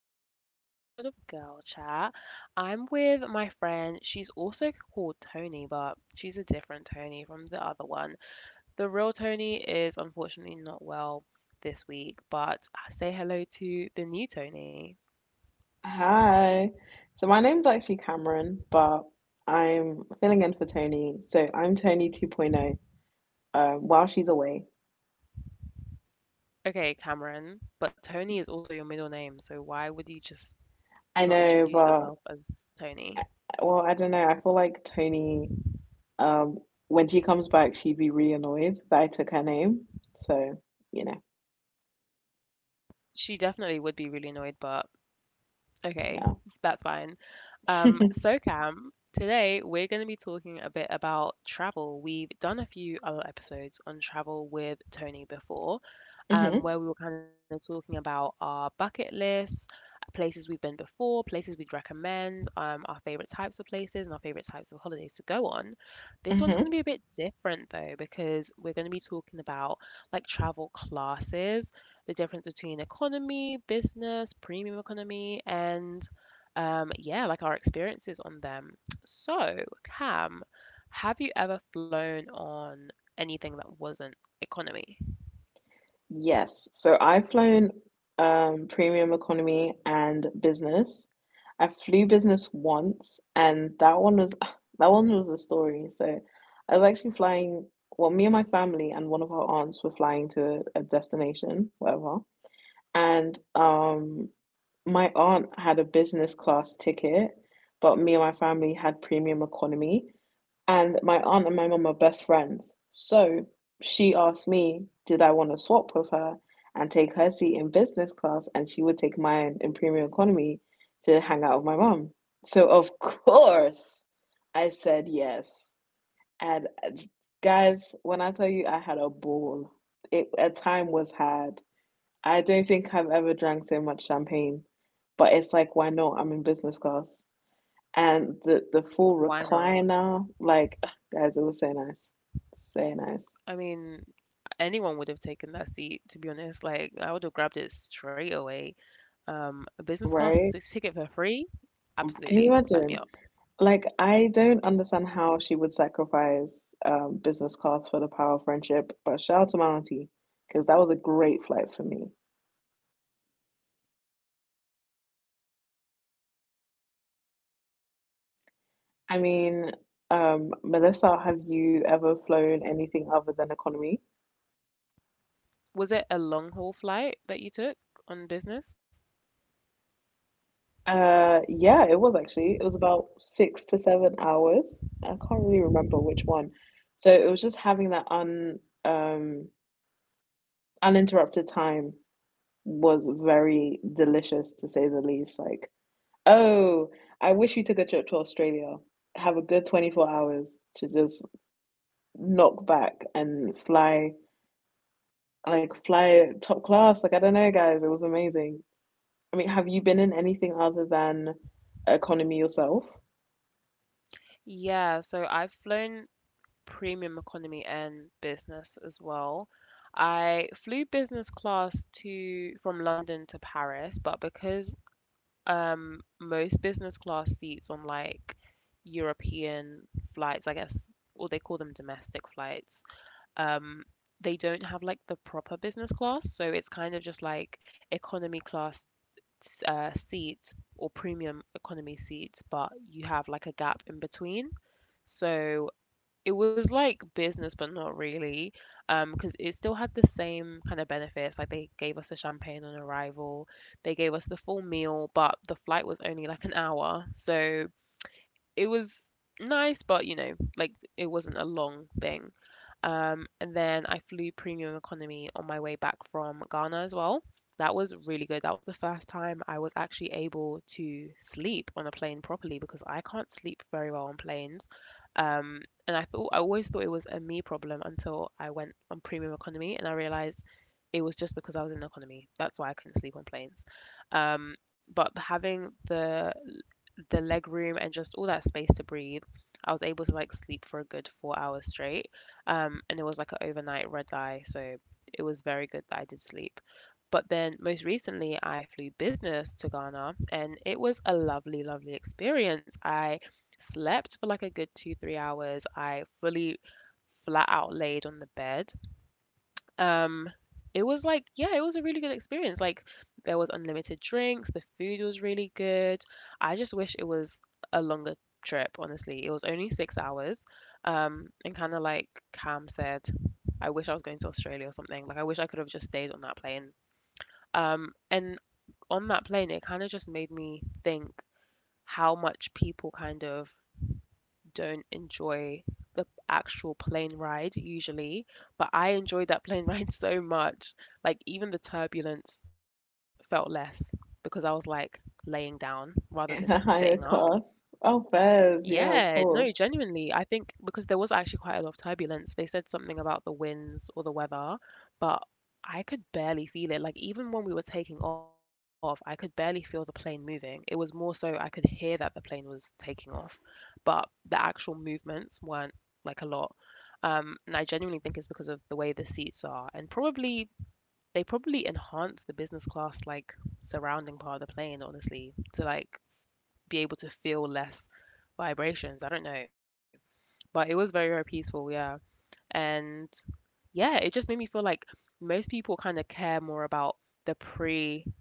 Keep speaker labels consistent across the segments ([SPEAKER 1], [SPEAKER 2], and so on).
[SPEAKER 1] back to another episode of Girl Chat. I'm with my friend. She's also called Tony, but she's a different Tony from the other one. The real Tony is unfortunately not well this week, but say hello to the new Tony.
[SPEAKER 2] Hi. So my name's actually Cameron, but I'm filling in for Tony. So I'm Tony 2.0, while she's away.
[SPEAKER 1] Okay, Cameron, but Tony is also your middle name, so why would you just
[SPEAKER 2] I
[SPEAKER 1] not
[SPEAKER 2] know,
[SPEAKER 1] introduce
[SPEAKER 2] but
[SPEAKER 1] yourself as Tony?
[SPEAKER 2] uh, well, I don't know. I feel like Tony, um, when she comes back, she'd be really annoyed that I took her name. So, you know,
[SPEAKER 1] She definitely would be really annoyed, but okay,
[SPEAKER 2] yeah.
[SPEAKER 1] that's fine. Um, so Cam, today we're going to be talking a bit about travel. We've done a few other episodes on travel with Tony before,
[SPEAKER 2] Mm-hmm.
[SPEAKER 1] where we were kind of talking about our bucket lists, places we've been before, places we'd recommend, our favorite types of places, and our favorite types of holidays to go on. This one's
[SPEAKER 2] Mm-hmm.
[SPEAKER 1] going to be a bit different though, because we're going to be talking about like travel classes, the difference between economy, business, premium economy, and yeah, like our experiences on them. So, Cam, have you ever flown on anything that wasn't economy?
[SPEAKER 2] Yes. So I've flown premium economy and business. I flew business once, and that one was that one was a story. So I was actually flying. Well, me and my family and one of our aunts were flying to a destination, whatever, and my aunt had a business class ticket, but me and my family had premium economy. And my aunt and my mum are best friends. So she asked me, did I want to swap with her and take her seat in business class, and she would take mine in premium economy to hang out with my mum. So of course I said yes. And guys, when I tell you I had a ball, it a time was had. I don't think I've ever drank so much champagne, but it's like, why not? I'm in business class. And the full
[SPEAKER 1] Why not?
[SPEAKER 2] recliner, like, guys, it was so nice. So nice,
[SPEAKER 1] I mean, anyone would have taken that seat, to be honest. Like, I would have grabbed it straight away. A business class
[SPEAKER 2] right?
[SPEAKER 1] ticket for free?
[SPEAKER 2] Can
[SPEAKER 1] Absolutely.
[SPEAKER 2] you
[SPEAKER 1] Sign me
[SPEAKER 2] imagine?
[SPEAKER 1] up.
[SPEAKER 2] Like, I don't understand how she would sacrifice business class for the power of friendship, but shout out to my auntie, because that was a great flight for me.
[SPEAKER 1] Shout out to Auntie for real. Was it like a long haul flight?
[SPEAKER 2] I mean, Melissa, have you ever flown anything other than economy?
[SPEAKER 1] Was it a long haul flight that you took on business?
[SPEAKER 2] Yeah, it was actually. It was about 6 to 7 hours. I can't really remember which one. So it was just having that un um uninterrupted time was very delicious to say the least. Like, oh, I wish you took a trip to Australia. Have a good 24 hours to just knock back and fly, fly top class. Like, I don't know, guys, it was amazing. I mean, have you been in anything other than economy yourself?
[SPEAKER 1] Yeah, so I've flown premium economy and business as well. I flew business class to from London to Paris, but because most business class seats on like European flights, I guess, or they call them domestic flights, um they don't have like the proper business class, so it's kind of just like economy class seats or premium economy seats, but you have like a gap in between. So it was like business, but not really, because it still had the same kind of benefits. Like they gave us the champagne on arrival, they gave us the full meal, but the flight was only like an hour, so it was nice, but you know, like it wasn't a long thing. And then I flew premium economy on my way back from Ghana as well. That was really good. That was the first time I was actually able to sleep on a plane properly because I can't sleep very well on planes. Um, and I always thought it was a me problem until I went on premium economy and I realized it was just because I was in economy. That's why I couldn't sleep on planes. Um, but having the leg room and just all that space to breathe, I was able to like sleep for a good 4 hours straight. And it was like an overnight red eye, so it was very good that I did sleep. But then most recently, I flew business to Ghana, and it was a lovely, lovely experience. I slept for like a good 2, 3 hours. I fully flat out laid on the bed. um it was like, yeah, it was a really good experience. Like, there was unlimited drinks, the food was really good. I just wish it was a longer trip. Honestly, it was only 6 hours. And kind of like Cam said, I wish I was going to Australia or something. Like, I wish I could have just stayed on that plane. And on that plane, it kind of just made me think how much people kind of don't enjoy the actual plane ride usually, but I enjoyed that plane ride so much. Like, even the turbulence felt less because I was like laying down rather than
[SPEAKER 2] In
[SPEAKER 1] sitting
[SPEAKER 2] a
[SPEAKER 1] up.
[SPEAKER 2] higher class. Oh, fairs, yeah,
[SPEAKER 1] Yeah,
[SPEAKER 2] of
[SPEAKER 1] no,
[SPEAKER 2] course.
[SPEAKER 1] genuinely, I think because there was actually quite a lot of turbulence. They said something about the winds or the weather, but I could barely feel it. Like, even when we were taking off, I could barely feel the plane moving. It was more so I could hear that the plane was taking off, but the actual movements weren't like a lot. And I genuinely think it's because of the way the seats are, and probably they probably enhance the business class like surrounding part of the plane, honestly, to like be able to feel less vibrations. I don't know. But it was very, very peaceful, yeah. And yeah, it just made me feel like most people kind of care more about the pre-plane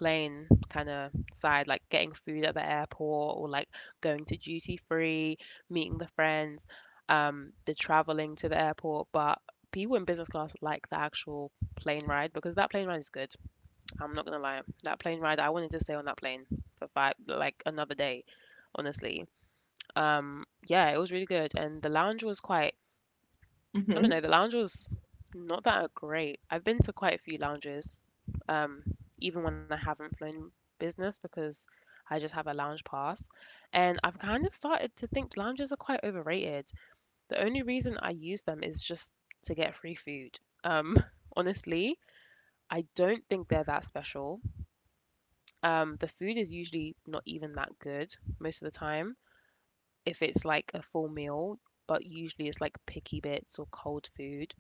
[SPEAKER 1] kind of side, like getting food at the airport or like going to duty free, meeting the friends, the traveling to the airport. But people in business class like the actual plane ride because that plane ride is good. I'm not gonna lie. That plane ride, I wanted to stay on that plane for five, like another day, honestly. Yeah, it was really good, and the lounge was quite. I don't
[SPEAKER 2] Hmm.
[SPEAKER 1] know. The lounge was not that great. I've been to quite a few lounges, um, even when I haven't flown business because I just have a lounge pass. And I've kind of started to think lounges are quite overrated. The only reason I use them is just to get free food. Um, Honestly, I don't think they're that special. The food is usually not even that good most of the time if it's like a full meal, but usually it's like picky bits or cold food.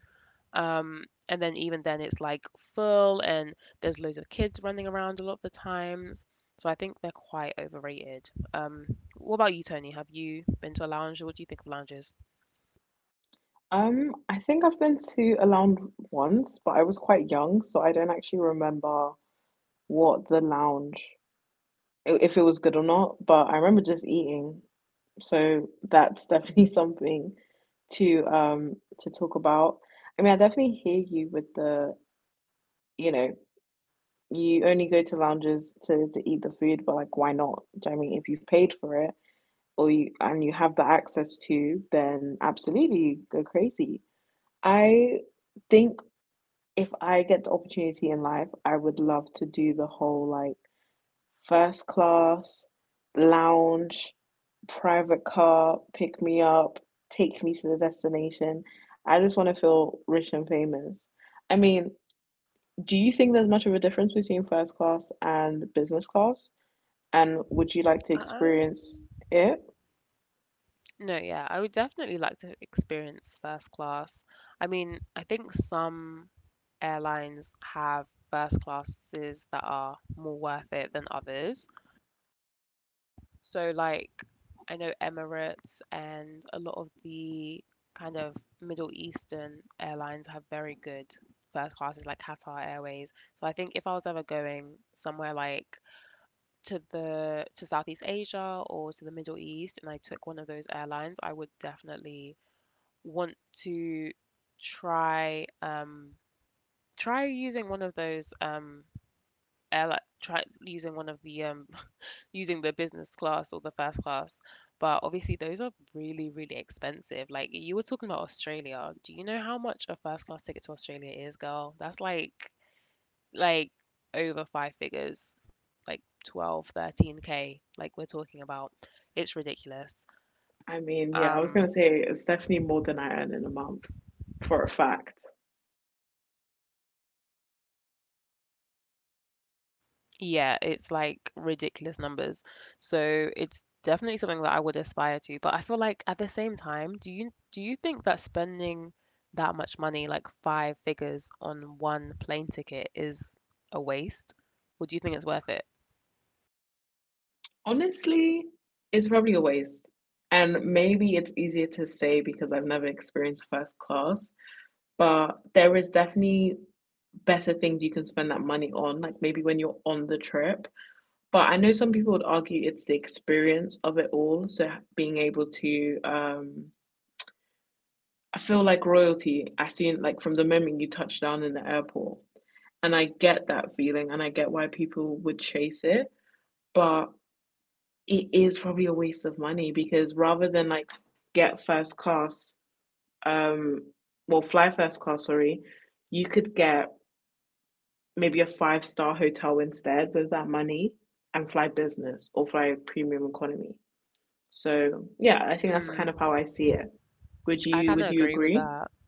[SPEAKER 1] And then even then, it's like full and there's loads of kids running around a lot of the times. So I think they're quite overrated. What about you, Tony? Have you been to a lounge? What do you think of lounges?
[SPEAKER 2] I think I've been to a lounge once, but I was quite young, so I don't actually remember what the lounge, if it was good or not, but I remember just eating. So that's definitely something to talk about. I mean, I definitely hear you with the, you know, you only go to lounges to eat the food, but like why not? Do you know what I mean if you've paid for it? Or you, and you have the access to, then absolutely go crazy. I think if I get the opportunity in life, I would love to do the whole like first class, lounge, private car, pick me up, take me to the destination. I just want to feel rich and famous. I mean, do you think there's much of a difference between first class and business class? And would you like to
[SPEAKER 1] Um,
[SPEAKER 2] experience it?
[SPEAKER 1] no, yeah, I would definitely like to experience first class. I mean, I think some airlines have first classes that are more worth it than others. So like I know Emirates and a lot of the kind of Middle Eastern airlines have very good first classes like Qatar Airways. So I think if I was ever going somewhere like to Southeast Asia or to the Middle East and I took one of those airlines, I would definitely want to try um try using one of those airline try using one of the using the business class or the first class. But obviously, those are really, really expensive. Like, you were talking about Australia. Do you know how much a first class ticket to Australia is, girl? That's like over five figures, like 12, 13 k like we're talking about. It's ridiculous.
[SPEAKER 2] I mean, yeah, I was gonna
[SPEAKER 1] Um,
[SPEAKER 2] say it's definitely more than I earn in a month, for a fact.
[SPEAKER 1] Yeah, it's like ridiculous numbers. So it's definitely something that I would aspire to. But I feel like at the same time, do you think that spending that much money, like five figures on one plane ticket, is a waste? Or do you think it's worth it?
[SPEAKER 2] Honestly, it's probably a waste. And maybe it's easier to say because I've never experienced first class, but there is definitely better things you can spend that money on, like maybe when you're on the trip. But I know some people would argue it's the experience of it all, so being able to I feel like royalty. I seen, like, from the moment you touch down in the airport. And I get that feeling and I get why people would chase it, but it is probably a waste of money because rather than, like, get first class, um well, fly first class, sorry, you could get maybe a five-star hotel instead with that money and fly business or fly premium economy. So yeah, I think that's kind
[SPEAKER 1] Mm,
[SPEAKER 2] of how I see it. Would
[SPEAKER 1] I
[SPEAKER 2] you
[SPEAKER 1] kind of
[SPEAKER 2] would you
[SPEAKER 1] agree with
[SPEAKER 2] agree?
[SPEAKER 1] that.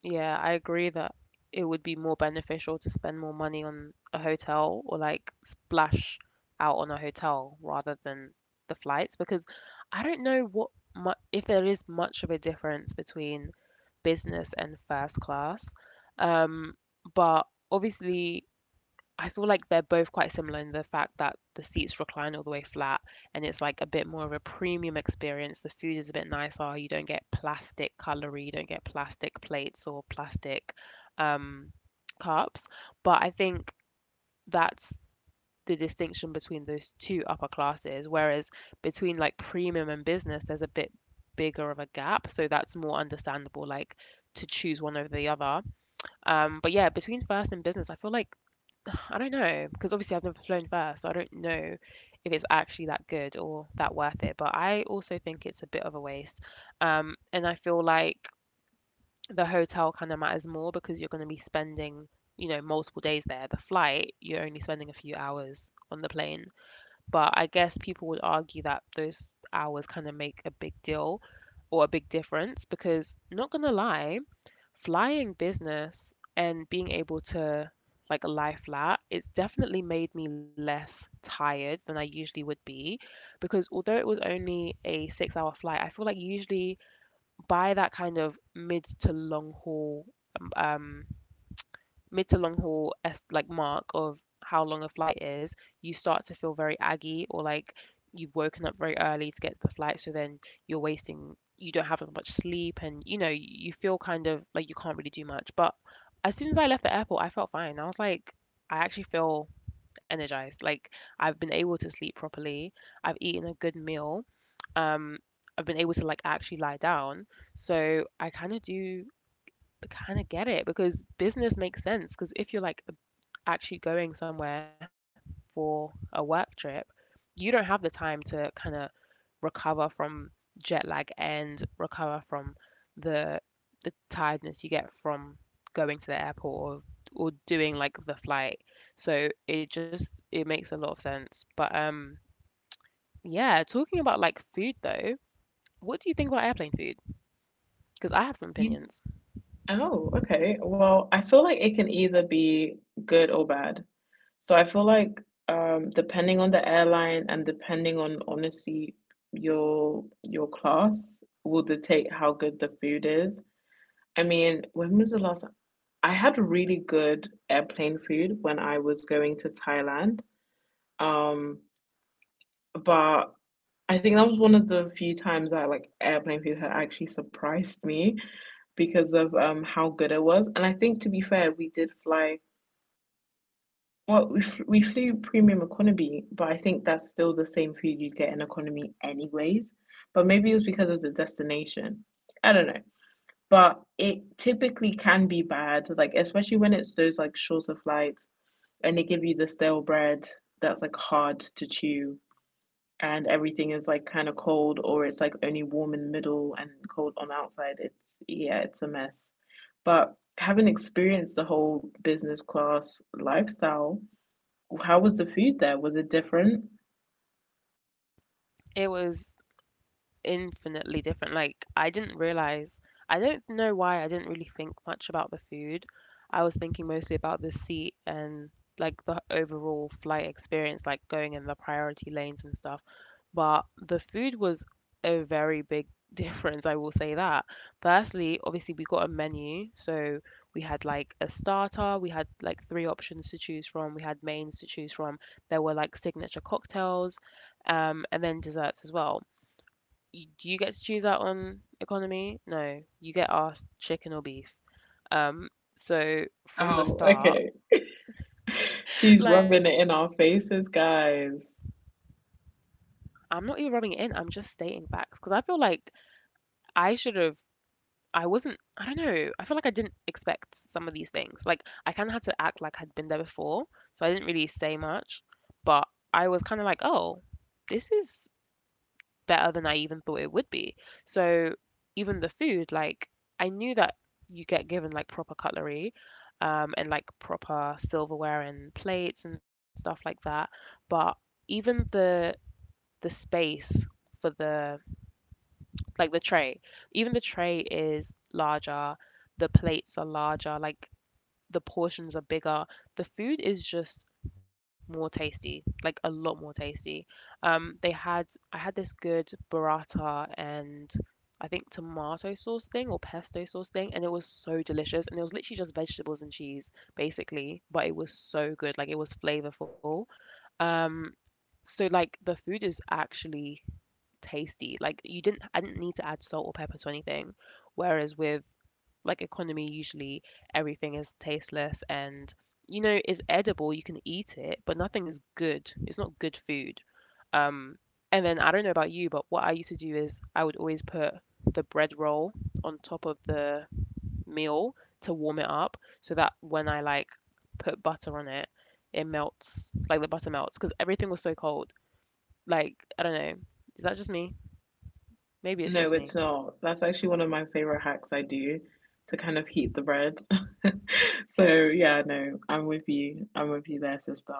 [SPEAKER 1] Yeah, I agree that it would be more beneficial to spend more money on a hotel or like splash out on a hotel rather than the flights because I don't know what mu if there is much of a difference between business and first class. Um, but obviously I feel like they're both quite similar in the fact that the seats recline all the way flat and it's like a bit more of a premium experience. The food is a bit nicer. You don't get plastic cutlery, you don't get plastic plates or plastic um, cups. But I think that's the distinction between those two upper classes. Whereas between like premium and business, there's a bit bigger of a gap. So that's more understandable, like to choose one over the other. But yeah, between first and business, I feel like I don't know because obviously I've never flown first, so I don't know if it's actually that good or that worth it. But I also think it's a bit of a waste. And I feel like the hotel kind of matters more because you're going to be spending, you know, multiple days there. The flight, you're only spending a few hours on the plane. But I guess people would argue that those hours kind of make a big deal or a big difference because not gonna lie, flying business and being able to like lie flat, it's definitely made me less tired than I usually would be because although it was only a 6 hour flight, I feel like usually by that kind of um mid to long haul as like mark of how long a flight is, you start to feel very aggy or like you've woken up very early to get to the flight, so then you don't have as much sleep and you know, you feel kind of like you can't really do much. But as soon as I left the airport, I felt fine. I was like, I actually feel energized. Like I've been able to sleep properly. I've eaten a good meal. Um, I've been able to like actually lie down. So I kind of do kind of get it because business makes sense. Because if you're like actually going somewhere for a work trip, you don't have the time to kind of recover from jet lag and recover from the the tiredness you get from going to the airport or doing like the flight. So it makes a lot of sense. But yeah, talking about like food though, what do you think about airplane food? Because I have some
[SPEAKER 2] You.
[SPEAKER 1] opinions.
[SPEAKER 2] Oh, okay. Well, I feel like it can either be good or bad. So I feel like depending on the airline and depending on, honestly, your class will dictate how good the food is. I mean, when was the last I had really good airplane food when I was going to Thailand. Um but I think that was one of the few times that like airplane theater actually surprised me because of how good it was. And I think to be fair, we did fly. Well, we flew premium economy, but I think that's still the same food you'd get in economy anyways. But maybe it was because of the destination. I don't know. But it typically can be bad, like especially when it's those like shorter flights, and they give you the stale bread that's like hard to chew, and everything is like kind of cold or it's like only warm in the middle and cold on the outside. It's, yeah, it's a mess. But having experienced the whole business class lifestyle, how was the food? There was it different?
[SPEAKER 1] It was infinitely different. Like I didn't realize, I don't know why I didn't really think much about the food. I was thinking mostly about the seat and like the overall flight experience, like going in the priority lanes and stuff. But the food was a very big difference, I will say that. Firstly, obviously we got a menu, so we had like a starter, we had like three options to choose from, we had mains to choose from. There were like signature cocktails, and then desserts as well do you get to choose out on economy? No, you get asked chicken or beef. Um, so from the
[SPEAKER 2] Oh,
[SPEAKER 1] start,
[SPEAKER 2] okay. She's
[SPEAKER 1] like
[SPEAKER 2] rubbing it in our faces, guys.
[SPEAKER 1] I'm not even rubbing it in. I'm just stating facts because I feel like I should have. I wasn't. I don't know. I feel like I didn't expect some of these things. Like I kind of had to act like I'd been there before, so I didn't really say much. But I was kind of like, oh, this is better than I even thought it would be. So even the food, like I knew that you get given like proper cutlery, and like proper silverware and plates and stuff like that. But even the space for the like the tray, even the tray is larger, the plates are larger, like the portions are bigger. The food is just more tasty, like a lot more tasty. They had I had this good burrata and I think tomato sauce thing or pesto sauce thing, and it was so delicious. And it was literally just vegetables and cheese, basically, but it was so good. Like it was flavorful. Um, so like the food is actually tasty. Like you didn't I didn't need to add salt or pepper to anything. Whereas with like economy, usually everything is tasteless and you know is edible. You can eat it, but nothing is good. It's not good food. Um, and then I don't know about you, but what I used to do is I would always put the bread roll on top of the meal to warm it up, so that when I like put butter on it, it melts. Like the butter melts because everything was so cold. Like I don't know. Is that just me? Maybe it's just
[SPEAKER 2] No,
[SPEAKER 1] me.
[SPEAKER 2] it's not. That's actually one of my favorite hacks I do to kind of heat the bread. So, yeah, no, I'm with you. I'm with you there, sister.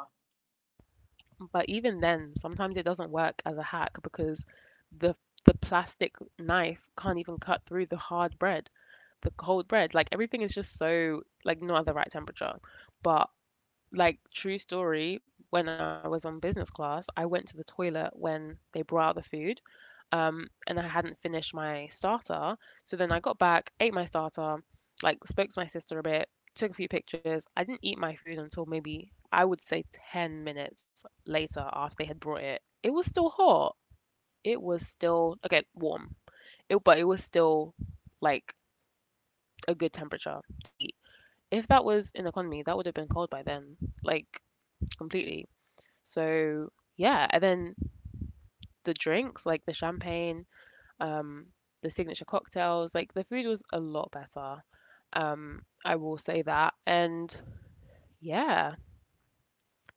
[SPEAKER 1] But even then, sometimes it doesn't work as a hack because the the plastic knife can't even cut through the hard bread, the cold bread. Like everything is just so like not at the right temperature. But like true story, when I was on business class, I went to the toilet when they brought out the food and I hadn't finished my starter. So then I got back, ate my starter, like spoke to my sister a bit, took a few pictures. I didn't eat my food until maybe I would say 10 minutes later after they had brought it. It was still hot. It was still again warm. It was still like a good temperature to eat. If that was in economy, that would have been cold by then, like completely. So yeah, and then the drinks, like the champagne, um, the signature cocktails. Like the food was a lot better. I will say that. And yeah,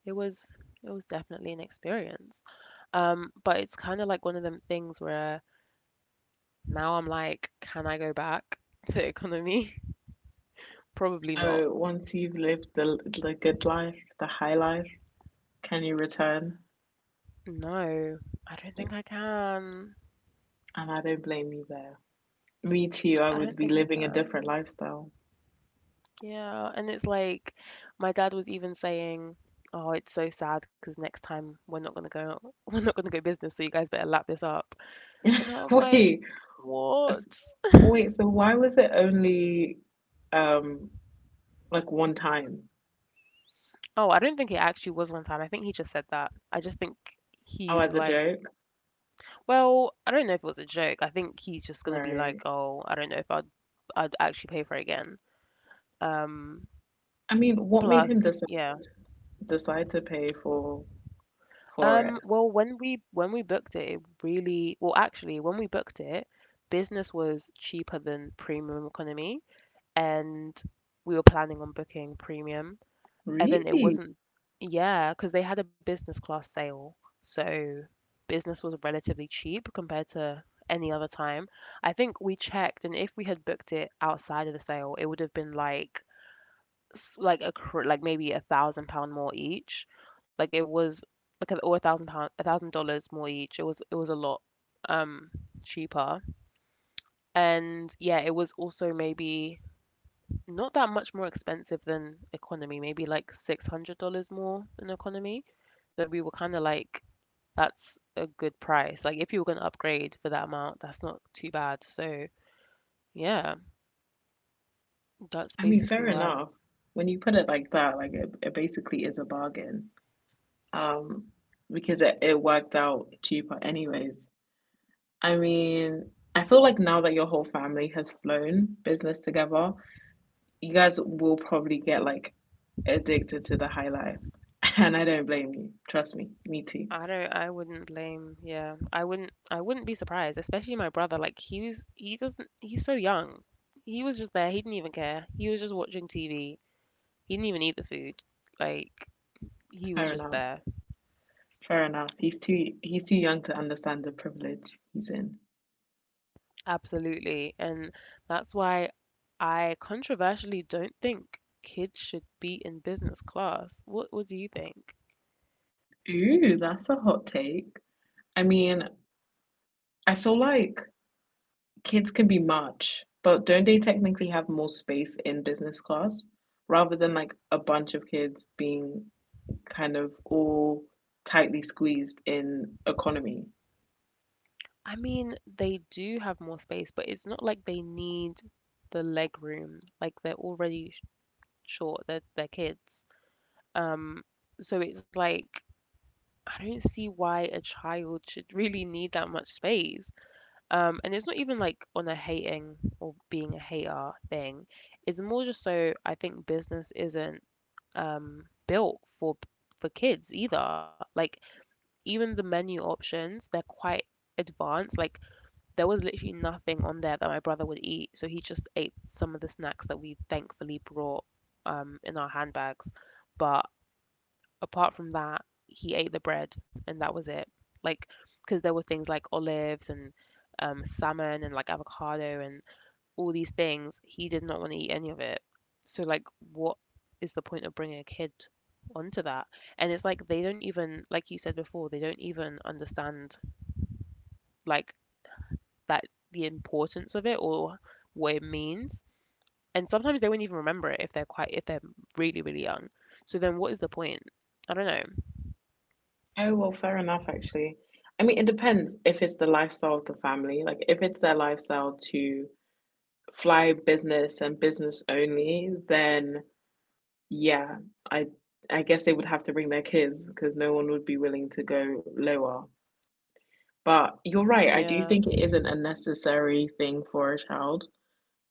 [SPEAKER 1] it was it was definitely an experience. But it's kind of like one of them things where now I'm like, can I go back to economy? Probably not.
[SPEAKER 2] Oh, once you've lived the good life, the high life, can you return?
[SPEAKER 1] No, I don't think I can.
[SPEAKER 2] And I don't blame you there. Me too, I
[SPEAKER 1] I
[SPEAKER 2] would
[SPEAKER 1] don't
[SPEAKER 2] be
[SPEAKER 1] think I
[SPEAKER 2] living a
[SPEAKER 1] can.
[SPEAKER 2] different lifestyle.
[SPEAKER 1] Yeah, and it's like my dad was even saying, "Oh, it's so sad because next time we're not gonna go, we're not gonna go business, so you guys better lap this up." And I was like,
[SPEAKER 2] Wait,
[SPEAKER 1] "What?"
[SPEAKER 2] s- wait, so why was it only um like one time.
[SPEAKER 1] Oh, I don't think it actually was one time. I think he just said that. I just think
[SPEAKER 2] Oh,
[SPEAKER 1] he's
[SPEAKER 2] as a
[SPEAKER 1] like,
[SPEAKER 2] joke?
[SPEAKER 1] well, I don't know if it was a joke. I think he's just gonna be
[SPEAKER 2] Right.
[SPEAKER 1] like, "Oh, I don't know if I'd actually pay for it again." Um,
[SPEAKER 2] I mean, what made him
[SPEAKER 1] yeah.
[SPEAKER 2] decide to pay for it?
[SPEAKER 1] Well, when we booked it, it really well, actually, when we booked it, business was cheaper than premium economy, and we were planning on booking premium, and then it
[SPEAKER 2] Really?
[SPEAKER 1] wasn't, yeah, because they had a business class sale, so business was relatively cheap compared to any other time. I think we checked, and if we had booked it outside of the sale, it would have been like like maybe £1,000 more each like it was or £1,000 $1,000 more each. It was a lot um cheaper. And yeah, it was also maybe not that much more expensive than economy, maybe like $600 more than economy. So we were kind of like that's a good price, like if you were going to upgrade for that amount, that's not too bad, so yeah, that's
[SPEAKER 2] I mean,
[SPEAKER 1] basically
[SPEAKER 2] fair
[SPEAKER 1] why.
[SPEAKER 2] enough. When you put it like that, it basically is a bargain. Um, because it worked out cheaper anyways. I mean, I feel like now that your whole family has flown business together, you guys will probably get like addicted to the high life. And I don't blame you. Trust me, me too.
[SPEAKER 1] I wouldn't blame yeah. I wouldn't be surprised, especially my brother. Like he doesn't he's so young. He was just there, he didn't even care. He was just watching TV. He didn't even eat the food. Like he was
[SPEAKER 2] Fair
[SPEAKER 1] just
[SPEAKER 2] enough.
[SPEAKER 1] there.
[SPEAKER 2] Fair enough. He's too young to understand the privilege he's in.
[SPEAKER 1] Absolutely. And that's why I controversially don't think kids should be in business class. What do you think?
[SPEAKER 2] Ooh, that's a hot take. I mean, I feel like kids can be much, but don't they technically have more space in business class rather than like a bunch of kids being kind of all tightly squeezed in economy?
[SPEAKER 1] I mean, they do have more space, but it's not like they need the leg room. Like they're already short. They're kids. Um, so it's like I don't see why a child should really need that much space. And it's not even like on a hating or being a hater thing. It's more just so I think business isn't built for kids either. Like even the menu options, they're quite advanced. Like there was literally nothing on there that my brother would eat, so he just ate some of the snacks that we thankfully brought in our handbags. But apart from that, he ate the bread and that was it. Like, because there were things like olives and salmon and like avocado and all these things. He did not want to eat any of it. So, like, what is the point of bringing a kid onto that? And it's like they don't even, like you said before, they don't even understand like that the importance of it or what it means. And sometimes they won't even remember it if they're quite, if they're really, really young. So then what is the point? I don't know.
[SPEAKER 2] Oh, well, fair enough, actually. I mean, it depends if it's the lifestyle of the family. Like, if it's their lifestyle to fly business and business only, then yeah, I I guess they would have to bring their kids because no one would be willing to go lower. But you're right, I do
[SPEAKER 1] Yeah.
[SPEAKER 2] think it isn't a necessary thing for a child.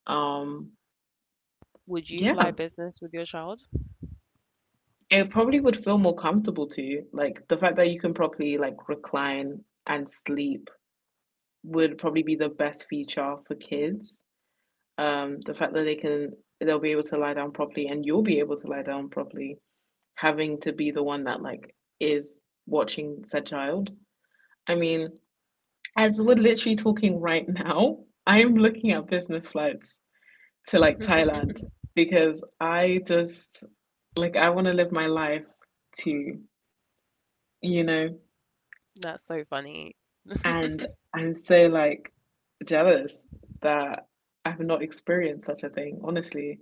[SPEAKER 2] Um,
[SPEAKER 1] Would you fly
[SPEAKER 2] yeah,
[SPEAKER 1] business with your child?
[SPEAKER 2] it probably would feel more comfortable to you. Like the fact that you can properly like recline and sleep would probably be the best feature for kids. The fact that they can they'll be able to lie down properly, and you'll be able to lie down properly, having to be the one that like is watching said child. I mean, as we're literally talking right now, I'm looking at business flights to like Thailand, because I just like I want to live my life too, you know,
[SPEAKER 1] That's so funny.
[SPEAKER 2] and I'm so like jealous that I've not experienced such a thing, honestly.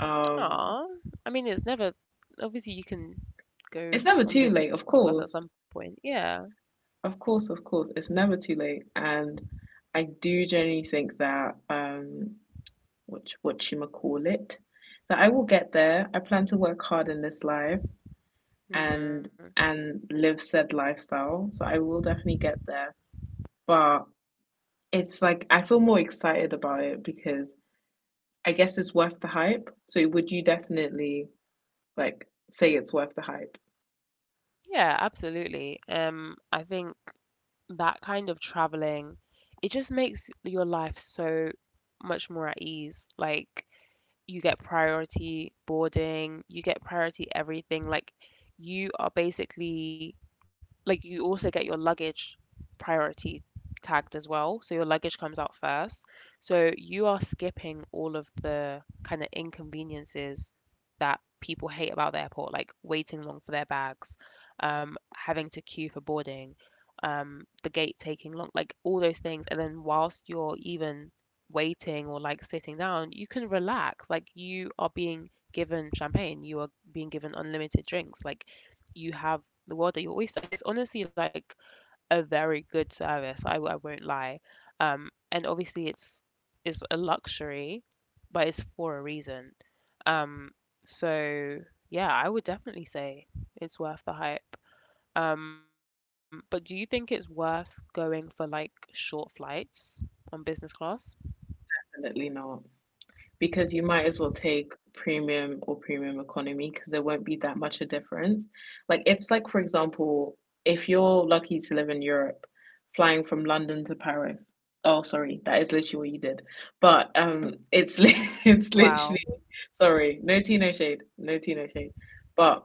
[SPEAKER 2] Um
[SPEAKER 1] Aw. I mean, it's never, obviously, you can
[SPEAKER 2] it's
[SPEAKER 1] go
[SPEAKER 2] never
[SPEAKER 1] on
[SPEAKER 2] too late,
[SPEAKER 1] business
[SPEAKER 2] of
[SPEAKER 1] class at some
[SPEAKER 2] course.
[SPEAKER 1] point. Yeah.
[SPEAKER 2] Of course, of course, it's never too late, and I do genuinely think that what you call it, that I will get there. I plan to work hard in this life and
[SPEAKER 1] hmm
[SPEAKER 2] and live said lifestyle, so I will definitely get there. But it's like I feel more excited about it because I guess it's worth the hype. So would you definitely like say it's worth the hype?
[SPEAKER 1] Yeah, absolutely. I think that kind of traveling, it just makes your life so much more at ease. Like, you get priority boarding, you get priority everything. Like, you are basically like you also get your luggage priority tagged as well. So your luggage comes out first. So you are skipping all of the kind of inconveniences that people hate about the airport, like waiting long for their bags, having to queue for boarding, the gate taking long, like all those things. And then whilst you're even waiting or like sitting down, you can relax. Like you are being given champagne, you are being given unlimited drinks. Like you have the world at your oyster is honestly like a very good service. I won't lie. And obviously it's a luxury, but it's for a reason. Um, so yeah, I would definitely say it's worth the hype. But do you think it's worth going for like short flights on business class?
[SPEAKER 2] Definitely not, because you might as well take premium or premium economy, because there won't be that much a difference. Like it's like, for example, if you're lucky to live in Europe, flying from London to Paris. Oh, sorry, that is literally what you did. But it's it's literally
[SPEAKER 1] Wow,
[SPEAKER 2] sorry, no tea, no shade, no tea, no shade. But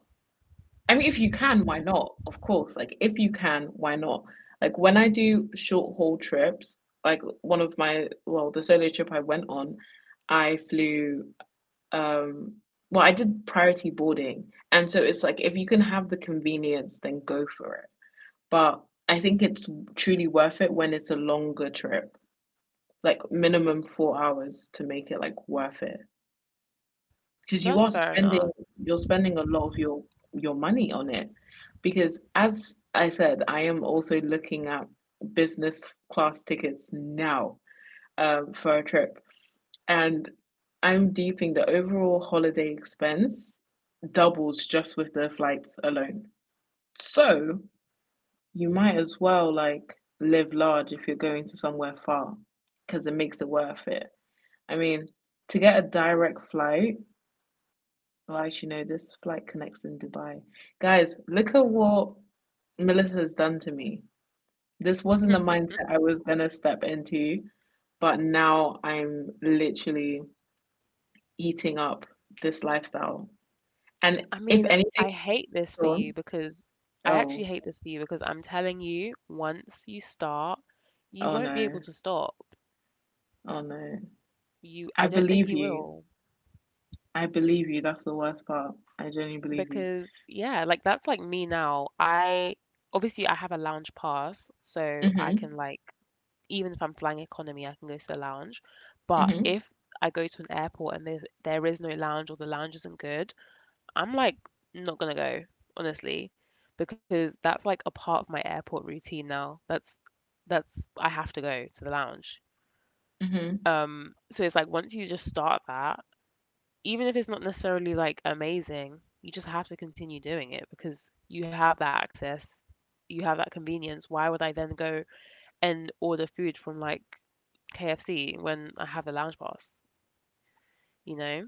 [SPEAKER 2] I mean, if you can, why not? Of course. Like, if you can, why not? Like, when I do short haul trips, like one of my, well, the solo trip I went on, I flew, um, well, I did priority boarding. And so it's like, if you can have the convenience, then go for it. But I think it's truly worth it when it's a longer trip, like minimum 4 hours to make it like worth it because you
[SPEAKER 1] that's
[SPEAKER 2] are
[SPEAKER 1] fair enough.
[SPEAKER 2] spending a lot of your money on it because as I said, I am also looking at business class tickets now, for a trip, and I'm deeping the overall holiday expense doubles just with the flights alone. So you might as well like live large if you're going to somewhere far because it makes it worth it. I mean, to get a direct flight. Well, I should know this flight connects in Dubai. Guys, look at what Melissa has done to me. This wasn't the mindset I was gonna step into, but now I'm literally eating up this lifestyle. And
[SPEAKER 1] I
[SPEAKER 2] if
[SPEAKER 1] mean, I
[SPEAKER 2] anything's
[SPEAKER 1] hate this for you
[SPEAKER 2] gone,
[SPEAKER 1] because I actually
[SPEAKER 2] oh,
[SPEAKER 1] hate this for you because I'm telling you, once you start, you
[SPEAKER 2] oh
[SPEAKER 1] won't be
[SPEAKER 2] no,
[SPEAKER 1] able to stop.
[SPEAKER 2] oh no.
[SPEAKER 1] You,
[SPEAKER 2] I
[SPEAKER 1] I don't think
[SPEAKER 2] believe
[SPEAKER 1] you
[SPEAKER 2] you.
[SPEAKER 1] will
[SPEAKER 2] I believe you. That's the worst part. I genuinely believe you.
[SPEAKER 1] because yeah, like that's like me now. I obviously I have a lounge pass, so I
[SPEAKER 2] Mm-hmm.
[SPEAKER 1] can like even if I'm flying economy, I can go to the lounge. But
[SPEAKER 2] Mm-hmm.
[SPEAKER 1] if I go to an airport and there is no lounge or the lounge isn't good, I'm like not gonna go, honestly, because that's like a part of my airport routine now. That's I have to go to the lounge.
[SPEAKER 2] Mm-hmm.
[SPEAKER 1] So it's like once you just start that, even if it's not necessarily like amazing, you just have to continue doing it because you have that access, you have that convenience. Why would I then go and order food from like KFC when I have the lounge pass? You know?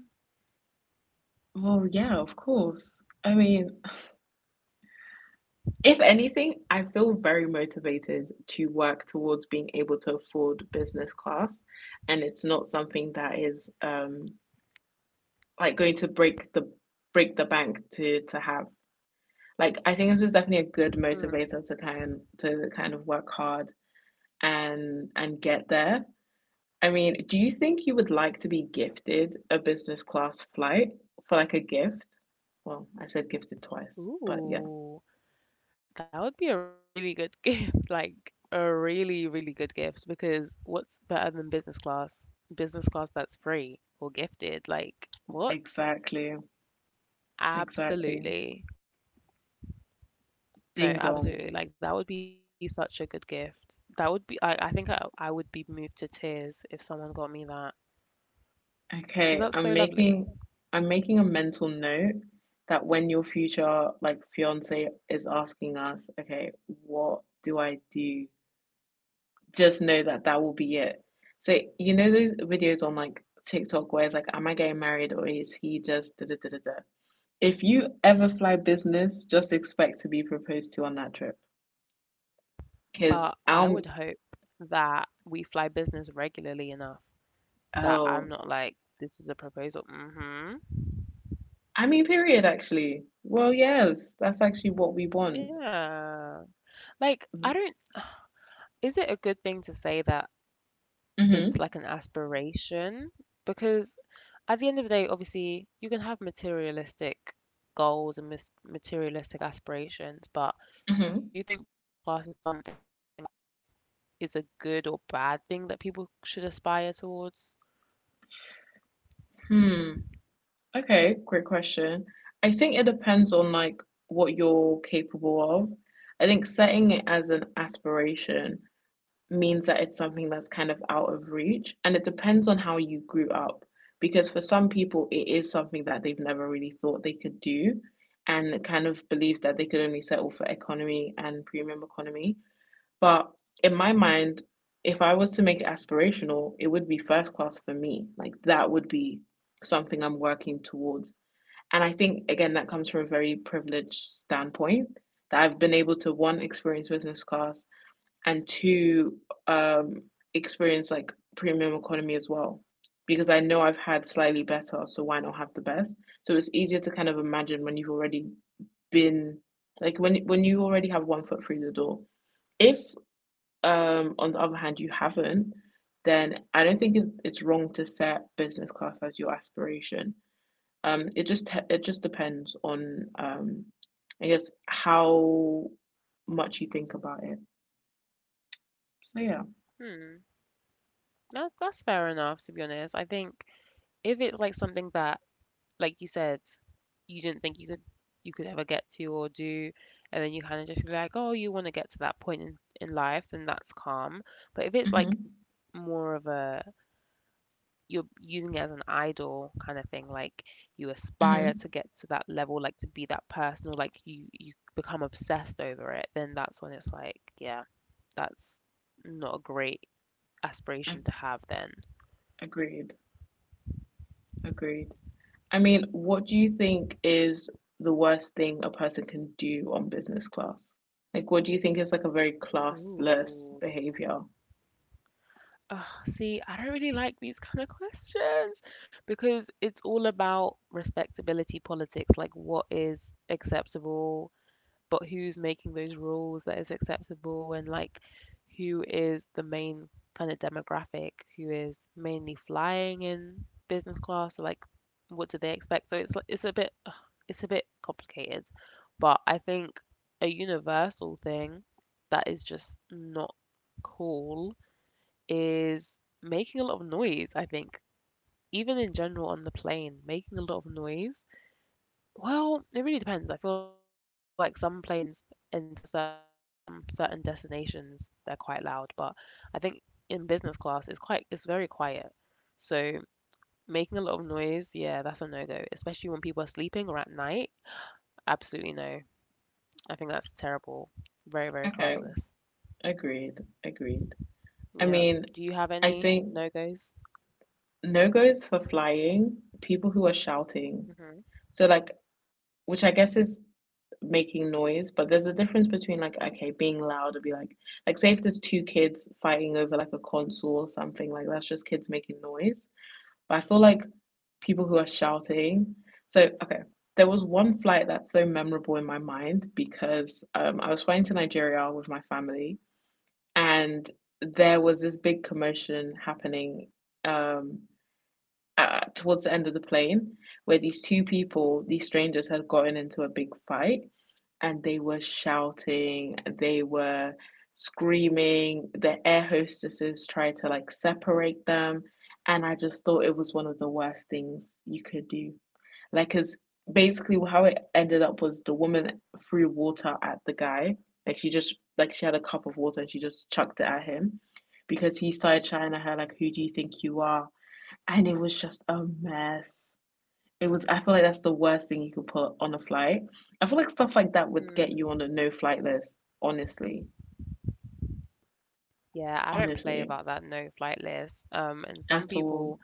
[SPEAKER 2] Well, yeah, of course. I mean, if anything, I feel very motivated to work towards being able to afford business class, and it's not something that is like going to break the bank to have. Like I think this is definitely a good
[SPEAKER 1] Hmm.
[SPEAKER 2] motivator to kind of work hard and get there. I mean, do you think you would like to be gifted a business class flight for like a gift? Well, I said gifted twice, but yeah.
[SPEAKER 1] Ooh, that would be a really good gift. Like a really, really good gift because what's better than business class? Business class that's free or gifted. Like what?
[SPEAKER 2] Exactly. Exactly.
[SPEAKER 1] Absolutely.
[SPEAKER 2] Ding
[SPEAKER 1] No,
[SPEAKER 2] dong.
[SPEAKER 1] absolutely. Like that would be such a good gift. That would be I think I would be moved to tears if someone got me that
[SPEAKER 2] Okay,
[SPEAKER 1] because that's so lovely.
[SPEAKER 2] I'm making a mental note that when your future like fiance is asking us, okay, what do I do? Just know that that will be it. So you know those videos on like TikTok where it's like, am I getting married or is he just da da da da da? If you ever fly business, just expect to be proposed to on that trip. Cause
[SPEAKER 1] But I
[SPEAKER 2] I'm,
[SPEAKER 1] would hope that we fly business regularly enough that
[SPEAKER 2] oh,
[SPEAKER 1] I'm not like, this is a proposal. Mm hmm
[SPEAKER 2] I mean period actually. Well yes, that's actually what we want.
[SPEAKER 1] Yeah. Like I don't, is it a good thing to say that it's
[SPEAKER 2] Mm-hmm.
[SPEAKER 1] like an aspiration because at the end of the day, obviously, you can have materialistic goals and materialistic aspirations, but do you
[SPEAKER 2] Mm-hmm.
[SPEAKER 1] think business class is something that like is a good or bad thing that people should aspire towards?
[SPEAKER 2] Hmm. Okay, great question. I think it depends on like what you're capable of. I think setting it as an aspiration means that it's something that's kind of out of reach, and it depends on how you grew up. Because for some people, it is something that they've never really thought they could do, and kind of believe that they could only settle for economy and premium economy. But in my mind, if I was to make it aspirational, it would be first class for me. Like that would be something I'm working towards, and I think, again, that comes from a very privileged standpoint that I've been able to, one, experience business class and two, um, experience like premium economy as well. Because I know I've had slightly better, so why not have the best? So it's easier to kind of imagine when you've already been, like when you already have one foot through the door. If, on the other hand, you haven't, then I don't think it's wrong to set business class as your aspiration. It just it just depends on, I guess, how much you think about it. So yeah.
[SPEAKER 1] Hmm, that's fair enough, to be honest. I think if it's like something that, like you said, you didn't think you could ever get to or do, and then you kind of just be like, oh, you want to get to that point in life, then that's calm. But if it's like
[SPEAKER 2] Mhm.
[SPEAKER 1] more of a, you're using it as an idol kind of thing, like you aspire
[SPEAKER 2] Mhm.
[SPEAKER 1] to get to that level, like to be that person, or like you become obsessed over it, then that's when it's like, yeah, that's not a great
[SPEAKER 2] A-
[SPEAKER 1] aspiration to have then.
[SPEAKER 2] Agreed. Agreed. I mean, what do you think is the worst thing a person can do on business class? Like, what do you think is like a very classless
[SPEAKER 1] Ooh.
[SPEAKER 2] behavior?
[SPEAKER 1] Ugh, see, I don't really like these kind of questions because it's all about respectability politics, like what is acceptable, but who's making those rules that is acceptable, and like who is the main kind of demographic, who is mainly flying in business class, so like what do they expect? So it's like it's a bit complicated, but I think a universal thing that is just not cool is making a lot of noise. I think even in general on the plane, making a lot of noise, well, it really depends. I feel like some planes into some certain destinations, they're quite loud, but I think in business class, it's very quiet. So making a lot of noise, yeah, that's a no-go, especially when people are sleeping or at night. Absolutely no. I think that's terrible. Very, very
[SPEAKER 2] Okay.
[SPEAKER 1] classless.
[SPEAKER 2] Agreed. Agreed.
[SPEAKER 1] Yeah.
[SPEAKER 2] I
[SPEAKER 1] Do you
[SPEAKER 2] mean,
[SPEAKER 1] have any
[SPEAKER 2] I think
[SPEAKER 1] no-goes?
[SPEAKER 2] no goes for flying, people who are
[SPEAKER 1] Hmm.
[SPEAKER 2] shouting. So like, which I guess is making noise, but there's a difference between like, okay, being loud would be like say if there's two kids fighting over like a console or something, like that's just kids making noise. But I feel like people who are shouting. So okay, there was one flight that's so memorable in my mind because I was flying to Nigeria with my family, and there was this big commotion happening, um, towards the end of the plane where these two people, these strangers, had gotten into a big fight and they were shouting, they were screaming. The air hostesses tried to like separate them, and I just thought it was one of the worst things you could do. Like, because basically how it ended up was the woman threw water at the guy. Like she just, like she had a cup of water and she just chucked it at him because he started shouting at her like, "Who do you think you are?" And it was just a mess. It was, I feel like that's the worst thing you could put on a flight. I feel like stuff like that would get you
[SPEAKER 1] Mm.
[SPEAKER 2] on a no flight list, honestly,
[SPEAKER 1] Yeah, I don't play
[SPEAKER 2] honestly,
[SPEAKER 1] about that no flight list. And some
[SPEAKER 2] at all.
[SPEAKER 1] people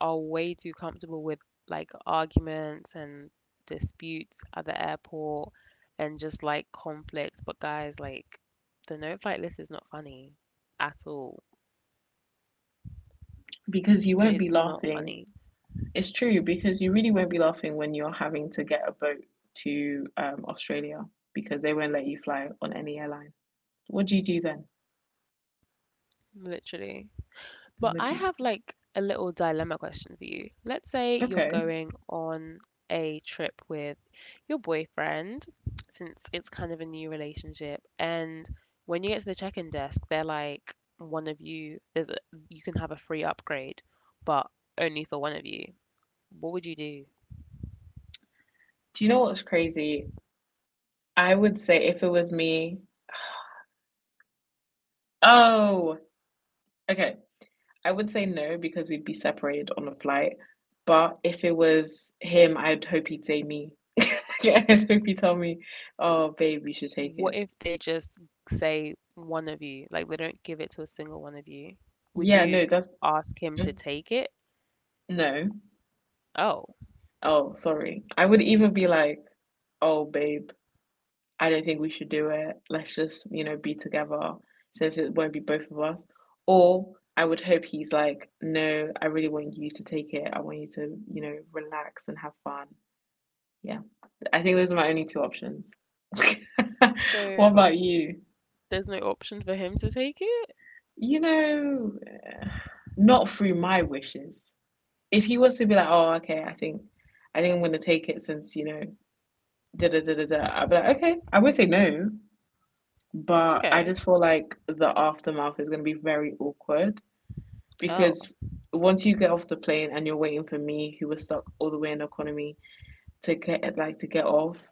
[SPEAKER 1] are way too comfortable with like arguments and disputes at the airport and just like conflict. But guys, like the no flight list is not funny at all.
[SPEAKER 2] Because you won't be
[SPEAKER 1] It's not
[SPEAKER 2] laughing.
[SPEAKER 1] funny,
[SPEAKER 2] It's true, because you really won't be laughing when you're having to get a boat to, Australia because they won't let you fly on any airline. What do you do then?
[SPEAKER 1] literally. But
[SPEAKER 2] What
[SPEAKER 1] I
[SPEAKER 2] do you
[SPEAKER 1] have like a little dilemma question for you. Let's say
[SPEAKER 2] do?
[SPEAKER 1] you're
[SPEAKER 2] Okay.
[SPEAKER 1] going on a trip with your boyfriend, since it's kind of a new relationship, and when you get to the check-in desk, they're like, one of you, there's a, you can have a free upgrade, but only for one of you. What would you do?
[SPEAKER 2] Do you know what's crazy? I would say if it was me, oh, okay. I would say no because we'd be separated on a flight. But if it was him, I'd hope he'd say me. Yeah, I'd hope he'd tell me, "Oh, babe, we should take
[SPEAKER 1] What
[SPEAKER 2] it."
[SPEAKER 1] if they just say one of you, like they don't give it to a single one of you? Would
[SPEAKER 2] Yeah,
[SPEAKER 1] you
[SPEAKER 2] no, that's,
[SPEAKER 1] ask him to
[SPEAKER 2] mm,
[SPEAKER 1] take it?
[SPEAKER 2] no.
[SPEAKER 1] Oh.
[SPEAKER 2] Oh, sorry. I would even be like, "Oh, babe, I don't think we should do it. Let's just, you know, be together since it won't be both of us." Or I would hope he's like, "No, I really want you to take it. I want you to, you know, relax and have fun." Yeah. I think those are my only two options. What
[SPEAKER 1] So,
[SPEAKER 2] about you?
[SPEAKER 1] there's no option for him to take it?
[SPEAKER 2] You know, not through my wishes. If he was to be like, "Oh, okay, I think I'm gonna take it," since you know, da da da da da, I'd be like, "Okay," I would say no, but I
[SPEAKER 1] Okay.
[SPEAKER 2] just feel like the aftermath is gonna be very awkward
[SPEAKER 1] Oh,
[SPEAKER 2] because once you get off the plane and you're waiting for me, who was stuck all the way in the economy, to get like to get off.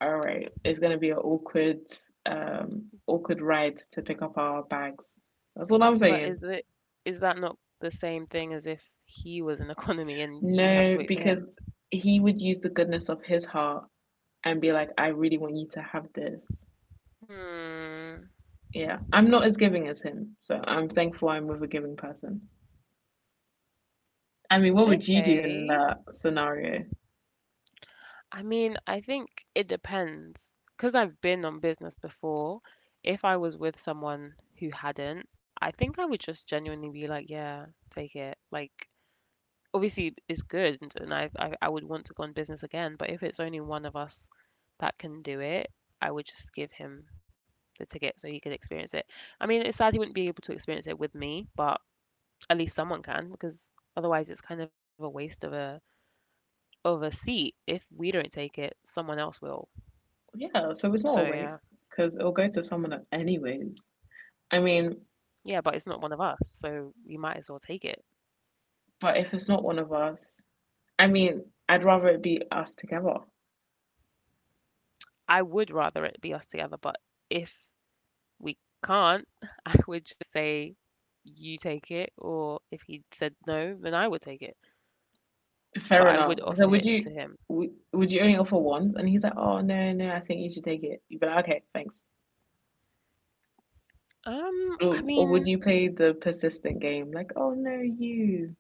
[SPEAKER 2] All right. It's gonna be an awkward, awkward ride to pick up our bags. That's all I'm
[SPEAKER 1] but
[SPEAKER 2] saying.
[SPEAKER 1] is it, is that not the same thing as if he was an economy and you have to
[SPEAKER 2] No,
[SPEAKER 1] wait for him?
[SPEAKER 2] because he would use the goodness of his heart and be like, I really want you to have this.
[SPEAKER 1] Hmm.
[SPEAKER 2] Yeah. I'm not as giving as him, so I'm thankful I'm with a giving person. I mean, what would you do in
[SPEAKER 1] Okay.
[SPEAKER 2] that scenario?
[SPEAKER 1] I mean, I think it depends. Because I've been on business before, if I was with someone who hadn't, I think I would just genuinely be like, yeah, take it. Like, obviously is good and I, I would want to go on business again, but if it's only one of us that can do it, I would just give him the ticket so he could experience it. I mean, it's sad he wouldn't be able to experience it with me, but at least someone can because otherwise it's kind of a waste of a seat. If we don't take it, someone else will.
[SPEAKER 2] Yeah, so it's not a
[SPEAKER 1] So yeah.
[SPEAKER 2] waste because it'll go to someone anyways. I mean,
[SPEAKER 1] Yeah, but it's not one of us, so we might as well take it.
[SPEAKER 2] but if it's not one of us, I mean, I'd rather it be us together.
[SPEAKER 1] I would rather it be us together, but if we can't, I would just say, you take it, or if he said no, then I would take it. But
[SPEAKER 2] Fair
[SPEAKER 1] I would
[SPEAKER 2] enough.
[SPEAKER 1] offer
[SPEAKER 2] So would
[SPEAKER 1] it to
[SPEAKER 2] you,
[SPEAKER 1] him.
[SPEAKER 2] would you only offer once? And he's like, oh no, no, I think you should take it. You'd be like, okay, thanks.
[SPEAKER 1] I
[SPEAKER 2] Or would
[SPEAKER 1] mean,
[SPEAKER 2] you play the persistent game? Like, oh no, you.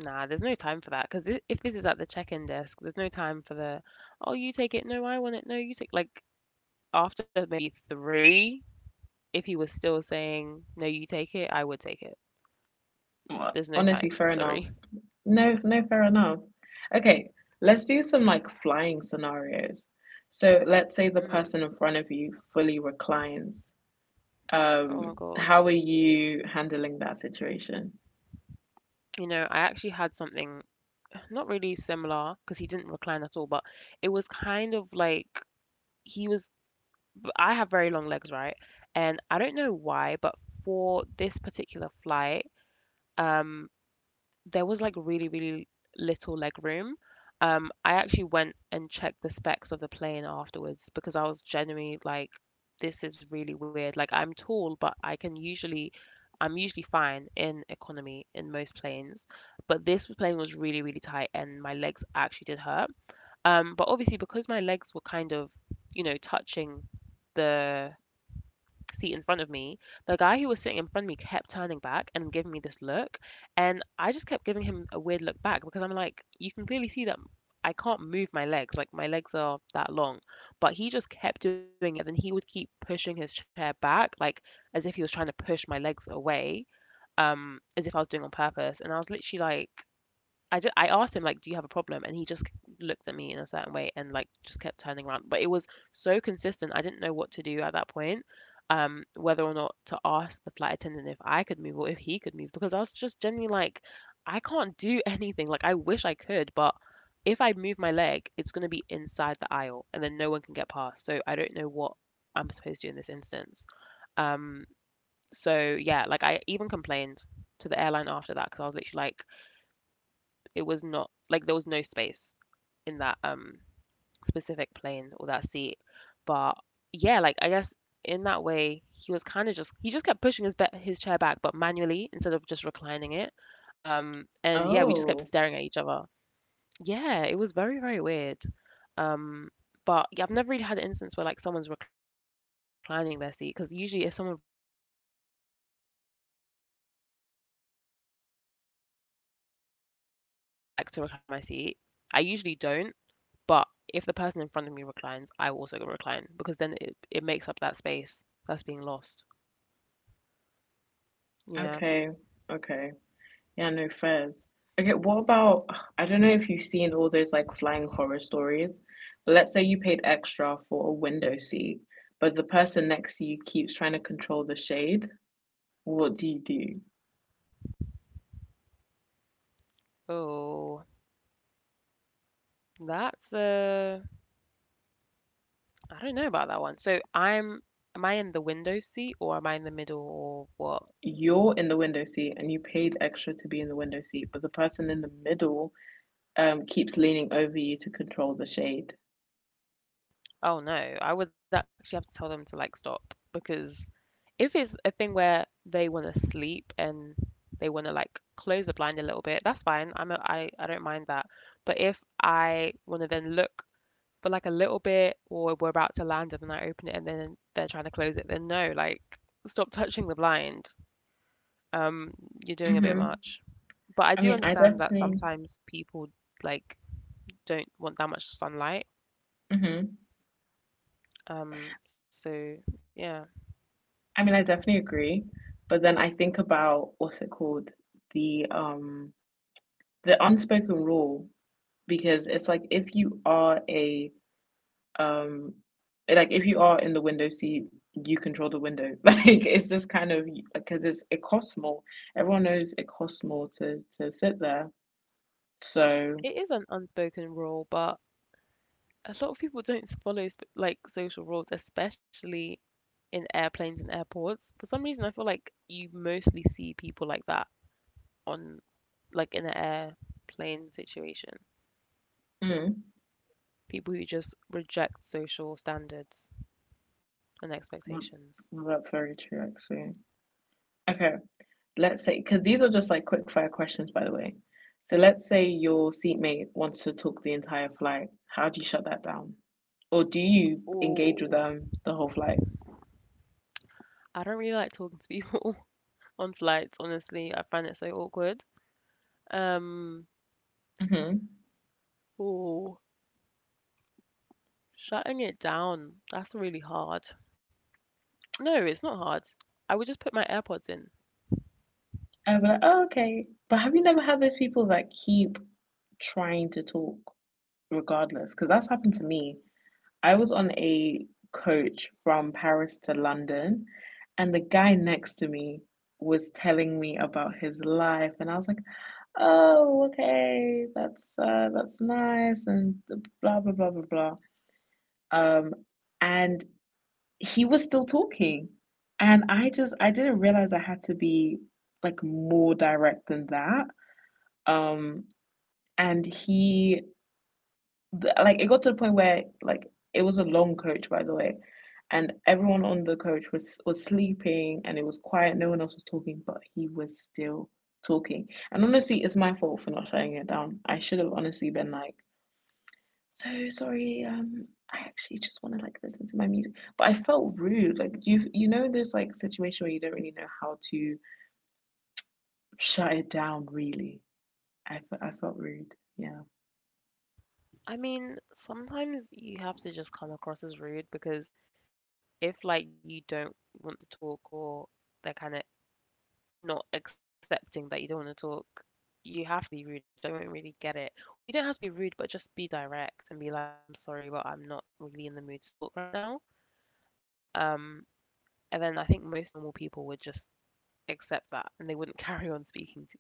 [SPEAKER 1] nah, there's no time for that because th if this is at the check-in desk, there's no time for the, oh, you take it, no, I want it, no, you take. Like after maybe three, if he was still saying, no, you take it, I would take it.
[SPEAKER 2] Well,
[SPEAKER 1] There's no
[SPEAKER 2] honestly,
[SPEAKER 1] time,
[SPEAKER 2] fair enough.
[SPEAKER 1] sorry.
[SPEAKER 2] No, no, fair enough. Okay, let's do some like flying scenarios. So let's say the
[SPEAKER 1] Hmm.
[SPEAKER 2] person in front of you fully reclines.
[SPEAKER 1] Oh my God.
[SPEAKER 2] How are you handling that situation?
[SPEAKER 1] You know, I actually had something not really similar because he didn't recline at all, but it was kind of like he was. I have very long legs, right? And I don't know why, but for this particular flight, um, there was like really, really little leg room. I actually went and checked the specs of the plane afterwards because I was genuinely like, this is really weird. Like I'm tall, but I can usually, I'm usually fine in economy in most planes, but this plane was really, really tight and my legs actually did hurt. But obviously, because my legs were kind of, you know, touching the seat in front of me, the guy who was sitting in front of me kept turning back and giving me this look. And I just kept giving him a weird look back because I'm like, you can clearly see that I can't move my legs. Like, my legs are that long. But he just kept doing it. And then he would keep pushing his chair back, like as if he was trying to push my legs away, as if I was doing on purpose. And I was literally like, I asked him like, "Do you have a problem?" And he just looked at me in a certain way and like just kept turning around. But it was so consistent. I didn't know what to do at that point, whether or not to ask the flight attendant if I could move or if he could move because I was just genuinely like, I can't do anything. Like I wish I could, but if I move my leg, it's gonna be inside the aisle and then no one can get past. So I don't know what I'm supposed to do in this instance. Um, so yeah, like I even complained to the airline after that because I was literally like it was not like there was no space in that specific plane or that seat. But yeah, like I guess in that way he was kind of just he just kept pushing his chair back, but manually instead of just reclining it. And yeah, we just kept
[SPEAKER 2] Oh,
[SPEAKER 1] staring at each other. Yeah, it was very very weird. Um, but yeah, I've never really had an instance where like someone's reclining their seat because usually if someone reclines, I'll just recline as well. I don't know. I'm just that kind of person. I don't get too fussed with that because I like to recline my seat. I usually don't, but if the person in front of me reclines, I will also recline because then it makes up that space that's being lost. Yeah.
[SPEAKER 2] okay, okay. Yeah, no fairs. Okay, what about, I don't know if you've seen all those like flying horror stories, but let's say you paid extra for a window seat, but the person next to you keeps trying to control the shade. What do you do?
[SPEAKER 1] Oh, that's I don't know about that one. So am I in the window seat or am I in the middle or what?
[SPEAKER 2] You're in the window seat and you paid extra to be in the window seat, but the person in the middle keeps leaning over you to control the shade.
[SPEAKER 1] Oh no, I would actually have to tell them to like stop because if it's a thing where they want to sleep and they want to like close the blind a little bit, that's fine. I don't mind that. But if I want to then look for like a little bit or we're about to land and then I open it and then they're trying to close it, then no, like stop touching the blind. Um, you're doing a bit
[SPEAKER 2] Mm-hmm.
[SPEAKER 1] much. But I
[SPEAKER 2] I
[SPEAKER 1] do
[SPEAKER 2] mean, I
[SPEAKER 1] understand that
[SPEAKER 2] definitely,
[SPEAKER 1] sometimes people like don't want that much sunlight.
[SPEAKER 2] hmm,
[SPEAKER 1] So yeah,
[SPEAKER 2] I mean, I definitely agree. But then I think about, what's it called? The um the unspoken rule, because it's like if you are a, um like if you are in the window seat, you control the window. Like it's just kind of, because it's, it costs more. Everyone knows it costs more to sit there.
[SPEAKER 1] it
[SPEAKER 2] So,
[SPEAKER 1] is an unspoken rule, but a lot of people don't follow like social rules, especially in airplanes and airports. For some reason, I feel like you mostly see people like that on, like in an airplane situation.
[SPEAKER 2] mm,
[SPEAKER 1] People who just reject social standards and
[SPEAKER 2] well,
[SPEAKER 1] expectations.
[SPEAKER 2] well, that's very true actually. Okay, let's say, because these are just like quick fire questions, by the way. So let's say your seatmate wants to talk the entire flight. How do you shut that down? Or do you engage with
[SPEAKER 1] Oh,
[SPEAKER 2] them the whole flight?
[SPEAKER 1] I don't really like talking to people on flights, honestly. I find it so awkward. Um,
[SPEAKER 2] Mm-hmm.
[SPEAKER 1] oh, Shutting it down. That's really hard. No, it's not hard. I would just put my AirPods in.
[SPEAKER 2] I'd be like, oh, okay. But have you never had those people that keep trying to talk regardless? Because that's happened to me. I was on a coach from Paris to London, and the guy next to me was telling me about his life, and I was like, oh, okay, that's, that's nice, and blah blah blah blah blah. Um, and he was still talking, and I didn't realize I had to be like more direct than that. Um, and he, like it got to the point where like it was a long coach, by the way, and everyone on the coach was sleeping and it was quiet, no one else was talking, but he was still talking. And honestly, it's my fault for not shutting it down. I should have honestly been like, so sorry, I actually just want to like listen to my music, but I felt rude. Like you, know, there's like situation where you don't really know how to shut it down really. I felt rude, yeah.
[SPEAKER 1] I mean, sometimes you have to just come across as rude because if like you don't want to talk or they're kind of not accepting that you don't want to talk, you have to be rude, otherwise they won't really get it. Or you don't have to be rude, but just be direct and be like, "I'm sorry, but I'm not really in the mood to talk right now." Um, and then I think most normal people would just accept that and they wouldn't carry on speaking to you.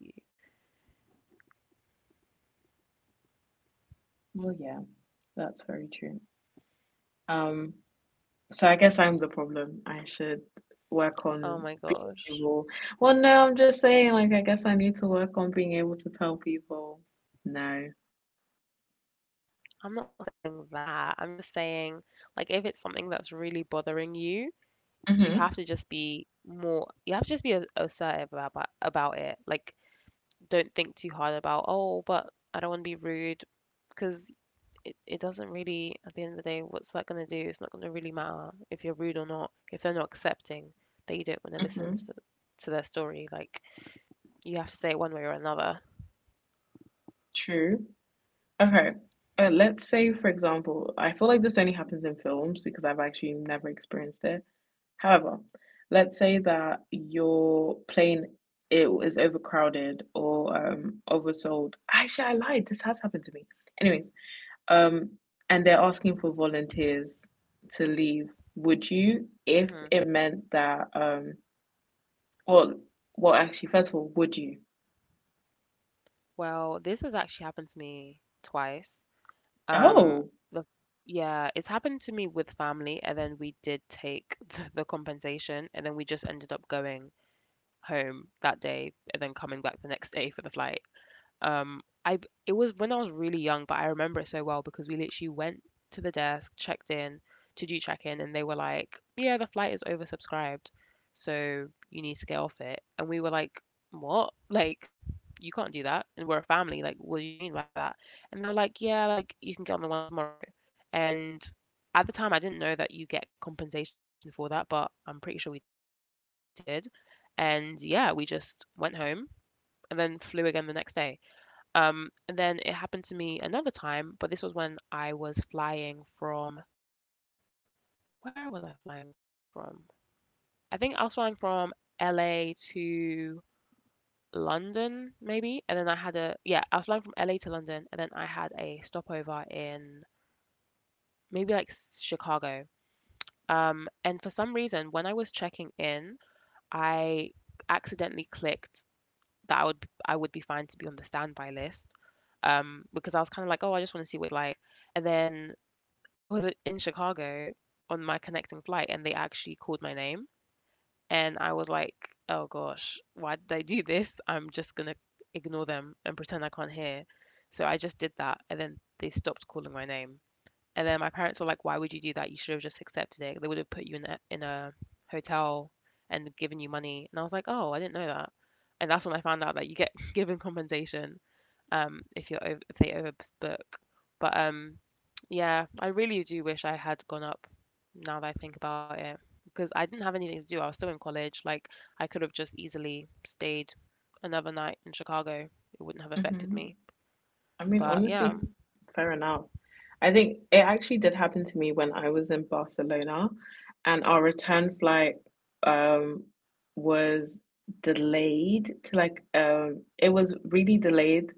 [SPEAKER 2] Well, yeah, that's very true, um so I guess I'm the problem. I should work
[SPEAKER 1] Oh my
[SPEAKER 2] on being
[SPEAKER 1] gosh.
[SPEAKER 2] able. Well, no, I'm just saying, like, I guess I need to work on being able to tell people no.
[SPEAKER 1] I'm not saying that. I'm just saying like if it's something that's really bothering you, you
[SPEAKER 2] Mm-hmm.
[SPEAKER 1] have to just be more— you have to just be assertive about it. Like, don't think too hard about, oh, but I don't want to be rude, because it doesn't really— at the end of the day, what's that going to do? It's not going to really matter if you're rude or not if they're not accepting that you don't want to listen
[SPEAKER 2] Mm-hmm.
[SPEAKER 1] to their story. Like, you have to say it one way or another.
[SPEAKER 2] True. Okay. Let's say, for example, I feel like this only happens in films because I've actually never experienced it. However, let's say that your plane it is overcrowded or oversold. Actually, I lied. This has happened to me. Anyways, Um, and they're asking for volunteers to leave. Would you,
[SPEAKER 1] Hmm.
[SPEAKER 2] if it meant that, well, actually, first of all, would you?
[SPEAKER 1] Well, this has actually happened to me twice. Um,
[SPEAKER 2] Oh,
[SPEAKER 1] the yeah, it's happened to me with family, and then we did take the compensation, and then we just ended up going home that day and then coming back the next day for the flight. I It was when I was really young, but I remember it so well because we literally went to the desk, checked in to do check-in, and they were like, "Yeah, the flight is oversubscribed, so you need to get off it." And we were like, "What? Like, you can't do that. And we're a family. Like, what do you mean by that?" And they were like, "Yeah, like you can get on the one tomorrow." And at the time, I didn't know that you get compensation for that, but I'm pretty sure we did. And yeah, we just went home and then flew again the next day. And then it happened to me another time, but this was when I was flying from— where was I flying from? I think I was flying from LA to London, maybe. And then I had a— yeah, I was flying from LA to London, and then I had a stopover in maybe like Chicago. And for some reason, when I was checking in, I accidentally clicked that I would I would be fine to be on the standby list because I was kind of like, oh, I just want to see what it's like. And then I was in Chicago on my connecting flight and they actually called my name and I was like, oh gosh, why did I do this? I'm just gonna ignore them and pretend I can't hear. So I just did that and then they stopped calling my name and then my parents were like, "Why would you do that? You should have just accepted it. They would have put you in a hotel and given you money." And I was like, "Oh, I didn't know that." And that's when I found out that you get given compensation if you're over, if they overbook. But yeah, I really do wish I had gone up, now that I think about it, because I didn't have anything to do. I was still in college. Like, I could have just easily stayed another night in Chicago. It wouldn't have affected me.
[SPEAKER 2] hmm. I mean,
[SPEAKER 1] But yeah,
[SPEAKER 2] honestly, fair enough. I think it actually did happen to me when I was in Barcelona, and our return flight um was delayed to like it was really delayed.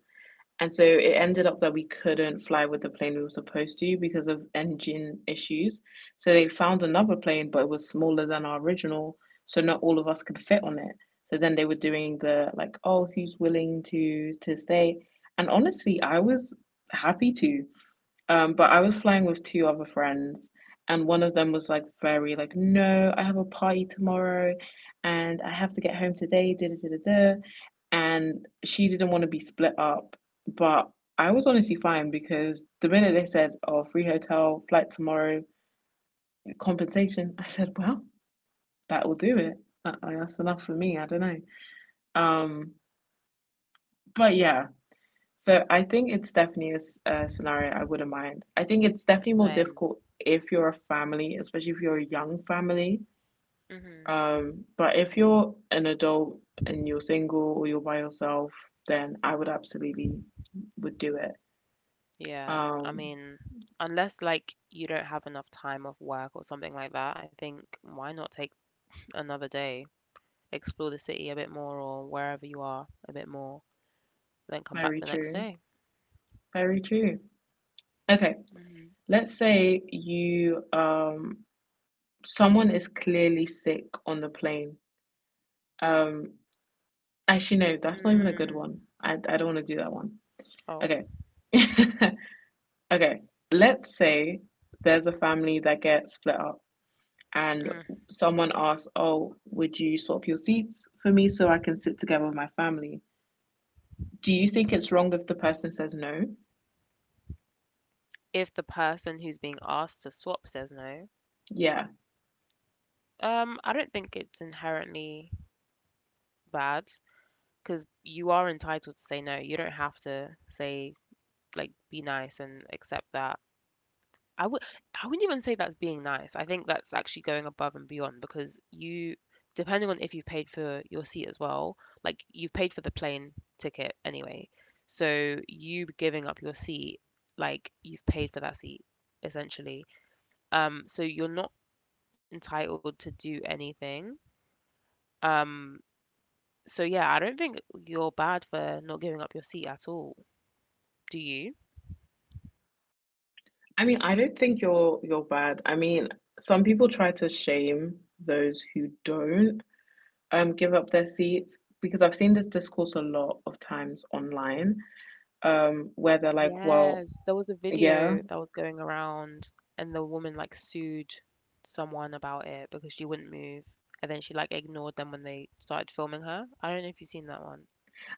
[SPEAKER 2] And so it ended up that we couldn't fly with the plane we were supposed to because of engine issues. So they found another plane, but it was smaller than our original, so not all of us could fit on it. So then they were doing the like, oh, who's willing to stay? And honestly, I was happy to. But I was flying with two other friends, and one of them was like very like, no, I have a party tomorrow, and I have to get home today. Da da da da da. And she didn't want to be split up, but I was honestly fine because the minute they said, "Oh, free hotel, flight tomorrow, compensation," I said, "Well, that will do it. That, like, that's enough for me." I don't know. Um, but yeah, So I think it's definitely a scenario I wouldn't mind. I think it's definitely more
[SPEAKER 1] same.
[SPEAKER 2] difficult if you're a family, especially if you're a young family.
[SPEAKER 1] Hmm.
[SPEAKER 2] But if you're an adult and you're single or you're by yourself, then I would absolutely would do it.
[SPEAKER 1] Yeah, I
[SPEAKER 2] Um,
[SPEAKER 1] mean, unless like you don't have enough time off work or something like that, I think why not take another day, explore the city a bit more or wherever you are a bit more, then come back
[SPEAKER 2] very
[SPEAKER 1] the next
[SPEAKER 2] true.
[SPEAKER 1] day.
[SPEAKER 2] Very true. Okay,
[SPEAKER 1] Hmm.
[SPEAKER 2] let's say you someone is clearly sick on the plane. Um, actually no, that's not even a good
[SPEAKER 1] Mm,
[SPEAKER 2] one. I don't want to do that one.
[SPEAKER 1] oh,
[SPEAKER 2] Okay. okay. Let's say there's a family that gets split up and
[SPEAKER 1] mm.
[SPEAKER 2] someone asks, oh, would you swap your seats for me so I can sit together with my family? Do you think it's wrong if the person says no?
[SPEAKER 1] If the person who's being asked to swap says no,
[SPEAKER 2] Yeah.
[SPEAKER 1] I don't think it's inherently bad because you are entitled to say no. You don't have to say like be nice and accept that. I would I wouldn't even say that's being nice. I think that's actually going above and beyond because you, depending on if you've paid for your seat as well, like you've paid for the plane ticket anyway. So you giving up your seat, like you've paid for that seat essentially. So you're not entitled to do anything. Um, so yeah, I don't think you're bad for not giving up your seat at all. Do you?
[SPEAKER 2] I mean, I don't think you're bad. I mean, some people try to shame those who don't give up their seats because I've seen this discourse a lot of times online, where they're like, well,
[SPEAKER 1] Yes, there was a
[SPEAKER 2] yeah,
[SPEAKER 1] video that was going around, and the woman like sued someone about it because she wouldn't move, and then she like ignored them when they started filming her. I don't know if you've seen that one.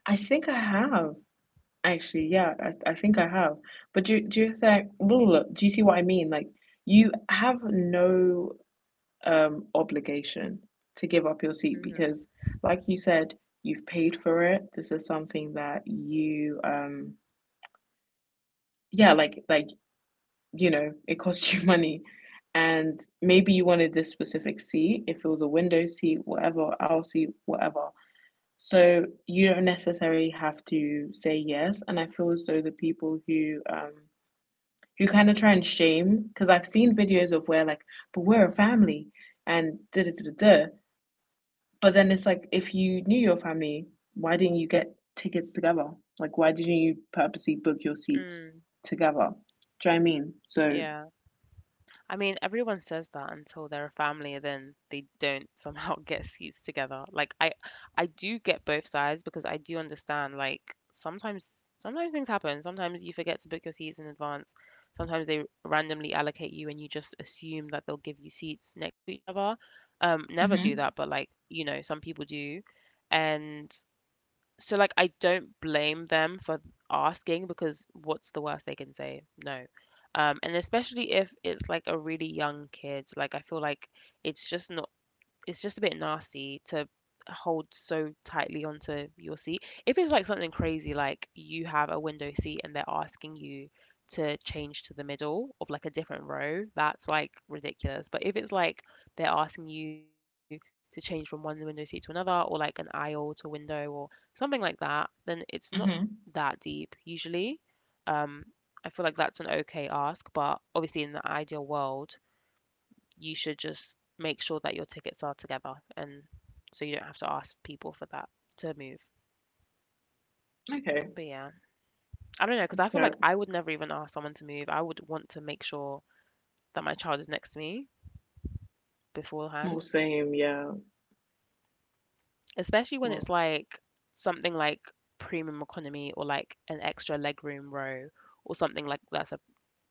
[SPEAKER 2] I think I have. Actually, yeah, I think I have. But do you think, do you see what I mean? Like you have no obligation to give up your seat
[SPEAKER 1] Hmm.
[SPEAKER 2] because, like you said, you've paid for it. This is something that you yeah, like you know, it costs you money. And maybe you wanted this specific seat, if it was a window seat, whatever, aisle seat, whatever. So you don't necessarily have to say yes. And I feel as though the people who you kind of try and shame because I've seen videos of where like, but we're a family and da da da da. But then it's like if you knew your family, why didn't you get tickets together? Like why didn't you purposely book your seats
[SPEAKER 1] Mm,
[SPEAKER 2] together? Do you know what I mean? So
[SPEAKER 1] yeah. I mean, everyone says that until they're a family and then they don't somehow get seats together. I do get both sides because I do understand like sometimes things happen. Sometimes you forget to book your seats in advance. Sometimes they randomly allocate you and you just assume that they'll give you seats next to each other. Never do
[SPEAKER 2] mm-hmm.
[SPEAKER 1] that, but like, you know, some people do. And so like I don't blame them for asking because what's the worst they can say? No. And especially if it's like a really young kid, like I feel like it's just not— it's just a bit nasty to hold so tightly onto your seat. If it's like something crazy, like you have a window seat and they're asking you to change to the middle of like a different row, that's like ridiculous. But if it's like they're asking you to change from one window seat to another, or like an aisle to window, or something like that, then it's not
[SPEAKER 2] Mm-hmm.
[SPEAKER 1] that deep usually. Um, I feel like that's an okay ask, but obviously in the ideal world, you should just make sure that your tickets are together and so you don't have to ask people for that to move.
[SPEAKER 2] Okay.
[SPEAKER 1] But yeah, I don't know because I feel
[SPEAKER 2] Yeah.
[SPEAKER 1] like I would never even ask someone to move. I would want to make sure that my child is next to me
[SPEAKER 2] Well,
[SPEAKER 1] beforehand,
[SPEAKER 2] same. Yeah.
[SPEAKER 1] especially when
[SPEAKER 2] Well.
[SPEAKER 1] it's like something like premium economy or like an extra legroom row or something like that's a—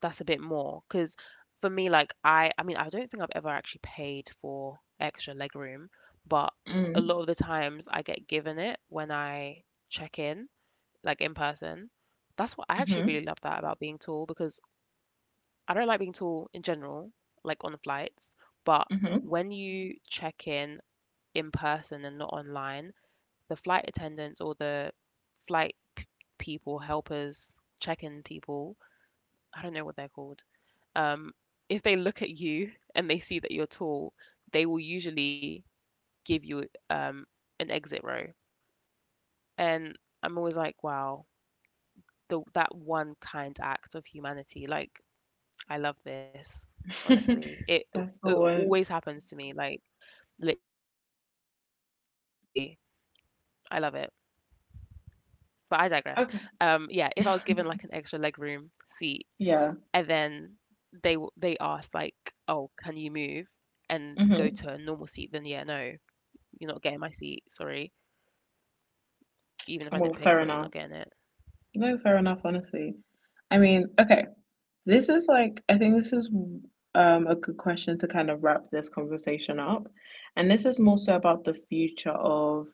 [SPEAKER 1] that's a bit more, cause for me, like I mean, I don't think I've ever actually paid for extra legroom, but a
[SPEAKER 2] Mm.
[SPEAKER 1] lot of the times I get given it when I check in, like in person. That's what I actually
[SPEAKER 2] Mm-hmm.
[SPEAKER 1] really love that about being tall because I don't like being tall in general, like on the flights, but
[SPEAKER 2] Mm-hmm.
[SPEAKER 1] when you check in person and not online, the flight attendants or the flight p- people, helpers, check-in people— I don't know what they're called. Um, if they look at you and they see that you're tall, they will usually give you um, an exit row. And I'm always like, wow, the, that one kind act of humanity. Like, I love this, honestly.
[SPEAKER 2] That's the one.
[SPEAKER 1] Always happens to me, like, literally. I love it. But I digress. Yeah, if I was given
[SPEAKER 2] Okay.
[SPEAKER 1] like an extra legroom seat, and then
[SPEAKER 2] Yeah.
[SPEAKER 1] they they asked like, "Oh, can you move and go to a normal
[SPEAKER 2] Mm-hmm.
[SPEAKER 1] seat?" Then yeah, no, you're not getting my seat. Sorry, even if I didn't pay
[SPEAKER 2] Well,
[SPEAKER 1] for it, you're
[SPEAKER 2] fair
[SPEAKER 1] not getting
[SPEAKER 2] enough.
[SPEAKER 1] it.
[SPEAKER 2] No, fair enough, honestly. I mean, okay, this is like, I think this is a good question to kind of wrap this conversation up. And this is more so about the future of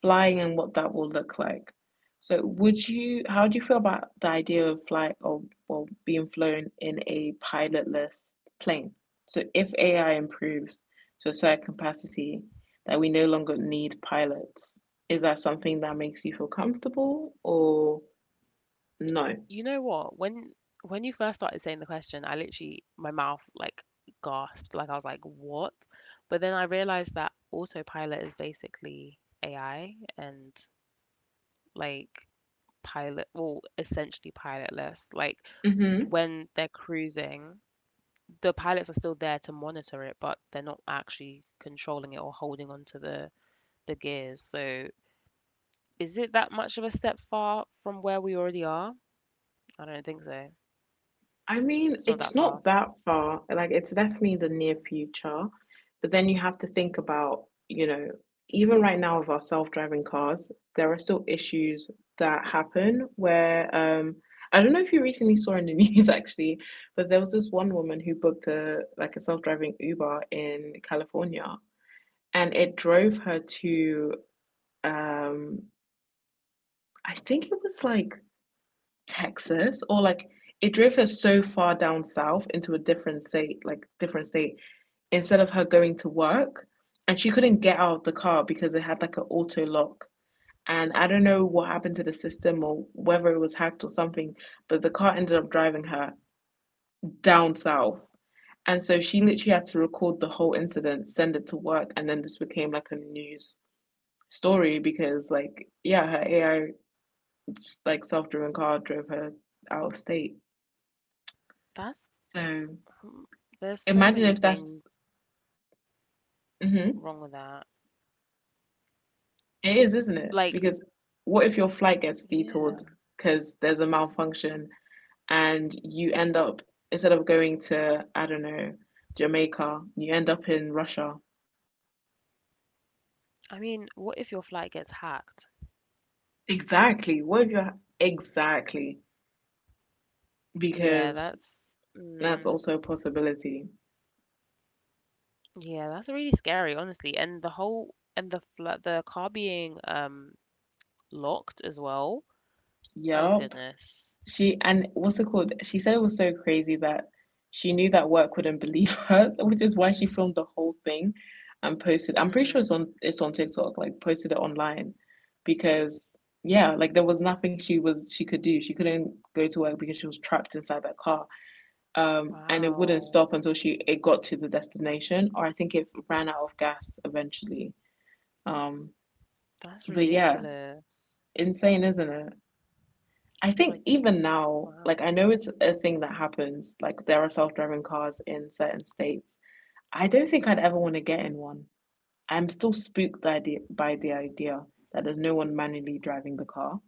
[SPEAKER 2] flying and what that will look like. So, would you, how do you feel about the idea of flight or being flown in a pilotless plane? So, if AI improves to a certain capacity that we no longer need pilots, is that something that makes you feel comfortable or no?
[SPEAKER 1] You know what? When you first started saying the question, I literally my mouth like gasped, like I was like, "What?" But then I realized that autopilot is basically AI and like pilot, well, essentially pilotless. Like
[SPEAKER 2] Mm-hmm.
[SPEAKER 1] when they're cruising, the pilots are still there to monitor it, but they're not actually controlling it or holding onto the gears. So is it that much of a step far from where we already are? I don't think so.
[SPEAKER 2] I mean,
[SPEAKER 1] It's not
[SPEAKER 2] it's
[SPEAKER 1] that far.
[SPEAKER 2] not that far. Like, it's definitely the near future. But then you have to think about, you know, even right now with our self-driving cars, there are still issues that happen where I don't know if you recently saw in the news actually, but there was this one woman who booked a like a self-driving Uber in California and it drove her to um I think it was like Texas or like it drove her so far down south into a different state, like different state, instead of her going to work. And she couldn't get out of the car because it had like an auto lock. And I don't know what happened to the system or whether it was hacked or something, but the car ended up driving her down south. And so she literally had to record the whole incident, send it to work, and then this became like a news story because, like, yeah, her AI, just, like self driven car, drove her out of state.
[SPEAKER 1] That's—
[SPEAKER 2] So
[SPEAKER 1] um, there's so
[SPEAKER 2] imagine if
[SPEAKER 1] many
[SPEAKER 2] that's
[SPEAKER 1] things
[SPEAKER 2] mm-hmm.
[SPEAKER 1] wrong with that.
[SPEAKER 2] It is, isn't it?
[SPEAKER 1] Like,
[SPEAKER 2] Because what if your flight gets detoured
[SPEAKER 1] yeah.
[SPEAKER 2] because there's a malfunction and you end up instead of going to I don't know Jamaica, you end up in Russia.
[SPEAKER 1] I mean, what if your flight gets hacked?
[SPEAKER 2] Exactly. What if you're exactly
[SPEAKER 1] Yeah,
[SPEAKER 2] because
[SPEAKER 1] that's—
[SPEAKER 2] that's
[SPEAKER 1] mm,
[SPEAKER 2] also a possibility.
[SPEAKER 1] yeah, that's really scary, honestly. And the whole— and the fl the car being locked as well. Oh
[SPEAKER 2] Yup.
[SPEAKER 1] goodness.
[SPEAKER 2] She and what's it called? She said it was so crazy that she knew that work wouldn't believe her, which is why she filmed the whole thing and posted. I'm pretty sure it's
[SPEAKER 1] Mm.
[SPEAKER 2] on it's on TikTok, like posted it online because yeah, like there was nothing she could do. She couldn't go to work because she was trapped inside that car. And it wouldn't stop
[SPEAKER 1] Wow,
[SPEAKER 2] until she it got to the destination, or I think it ran out of gas eventually. Um,
[SPEAKER 1] that's
[SPEAKER 2] but yeah,
[SPEAKER 1] ridiculous.
[SPEAKER 2] insane, isn't it? I think
[SPEAKER 1] Like,
[SPEAKER 2] even now, like I
[SPEAKER 1] wow.
[SPEAKER 2] know it's a thing that happens. Like there are self-driving cars in certain states. I don't think I'd ever want to get in one. I'm still spooked by the idea that there's no one manually driving the car.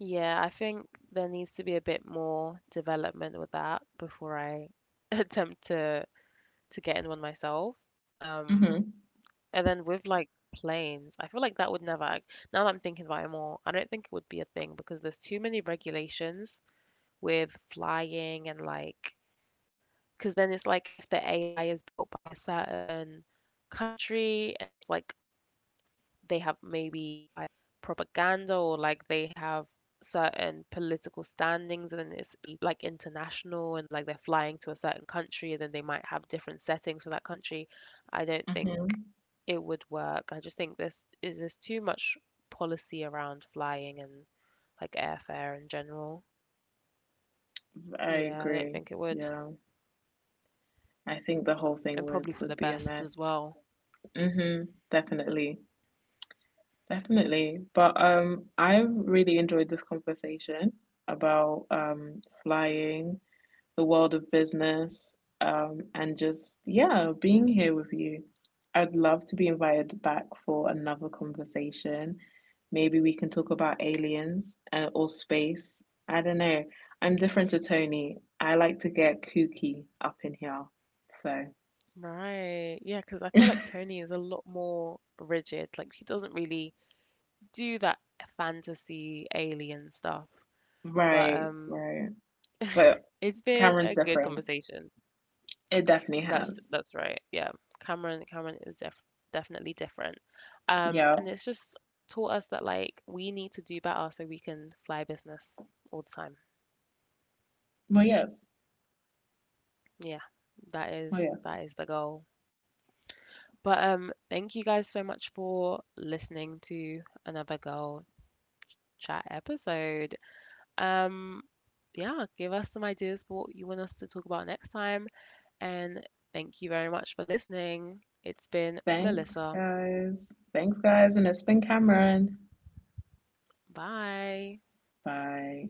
[SPEAKER 1] Yeah, I think there needs to be a bit more development with that before I attempt to get in one myself. Um,
[SPEAKER 2] Mm-hmm.
[SPEAKER 1] and then with like planes, I feel like that would never, now that I'm thinking about it more, I don't think it would be a thing because there's too many regulations with flying and like, because then it's like if the AI is built by a certain country and it's like they have maybe propaganda or like they have certain political standings and it's like international and like they're flying to a certain country and then they might have different settings for that country. I don't think
[SPEAKER 2] Mm-hmm.
[SPEAKER 1] it would work. I just think this is— there's too much policy around flying and like airfare in general.
[SPEAKER 2] I
[SPEAKER 1] Yeah, I don't
[SPEAKER 2] agree.
[SPEAKER 1] think it would.
[SPEAKER 2] Yeah. I think the whole
[SPEAKER 1] And
[SPEAKER 2] thing
[SPEAKER 1] probably for
[SPEAKER 2] would
[SPEAKER 1] the
[SPEAKER 2] would be a
[SPEAKER 1] best as
[SPEAKER 2] mess.
[SPEAKER 1] well.
[SPEAKER 2] Mm-hmm. Definitely. Definitely. But I've really enjoyed this conversation about flying, the world of business, and just, yeah, being here with you. I'd love to be invited back for another conversation. Maybe we can talk about aliens or space. I don't know. I'm different to Tony. I like to get kooky up in here. So,
[SPEAKER 1] Right. Yeah, because I feel like Tony is a lot more rigid. Like she doesn't really do that fantasy alien stuff. But
[SPEAKER 2] right, right. But
[SPEAKER 1] it's been a
[SPEAKER 2] Cameron's
[SPEAKER 1] good
[SPEAKER 2] different.
[SPEAKER 1] conversation.
[SPEAKER 2] It definitely
[SPEAKER 1] That's
[SPEAKER 2] has.
[SPEAKER 1] that's right. Yeah, Cameron is definitely different.
[SPEAKER 2] Yeah.
[SPEAKER 1] And it's just taught us that like we need to do better so we can fly business all the time.
[SPEAKER 2] Well, yes.
[SPEAKER 1] Yeah, that
[SPEAKER 2] Well,
[SPEAKER 1] is
[SPEAKER 2] yes.
[SPEAKER 1] that is the goal. But thank you guys so much for listening to another girl chat episode. Um, yeah, give us some ideas for what you want us to talk about next time. And thank you very much for listening. It's been
[SPEAKER 2] Thanks,
[SPEAKER 1] Melissa.
[SPEAKER 2] guys. Thanks, guys. And it's been Cameron.
[SPEAKER 1] Bye.
[SPEAKER 2] Bye.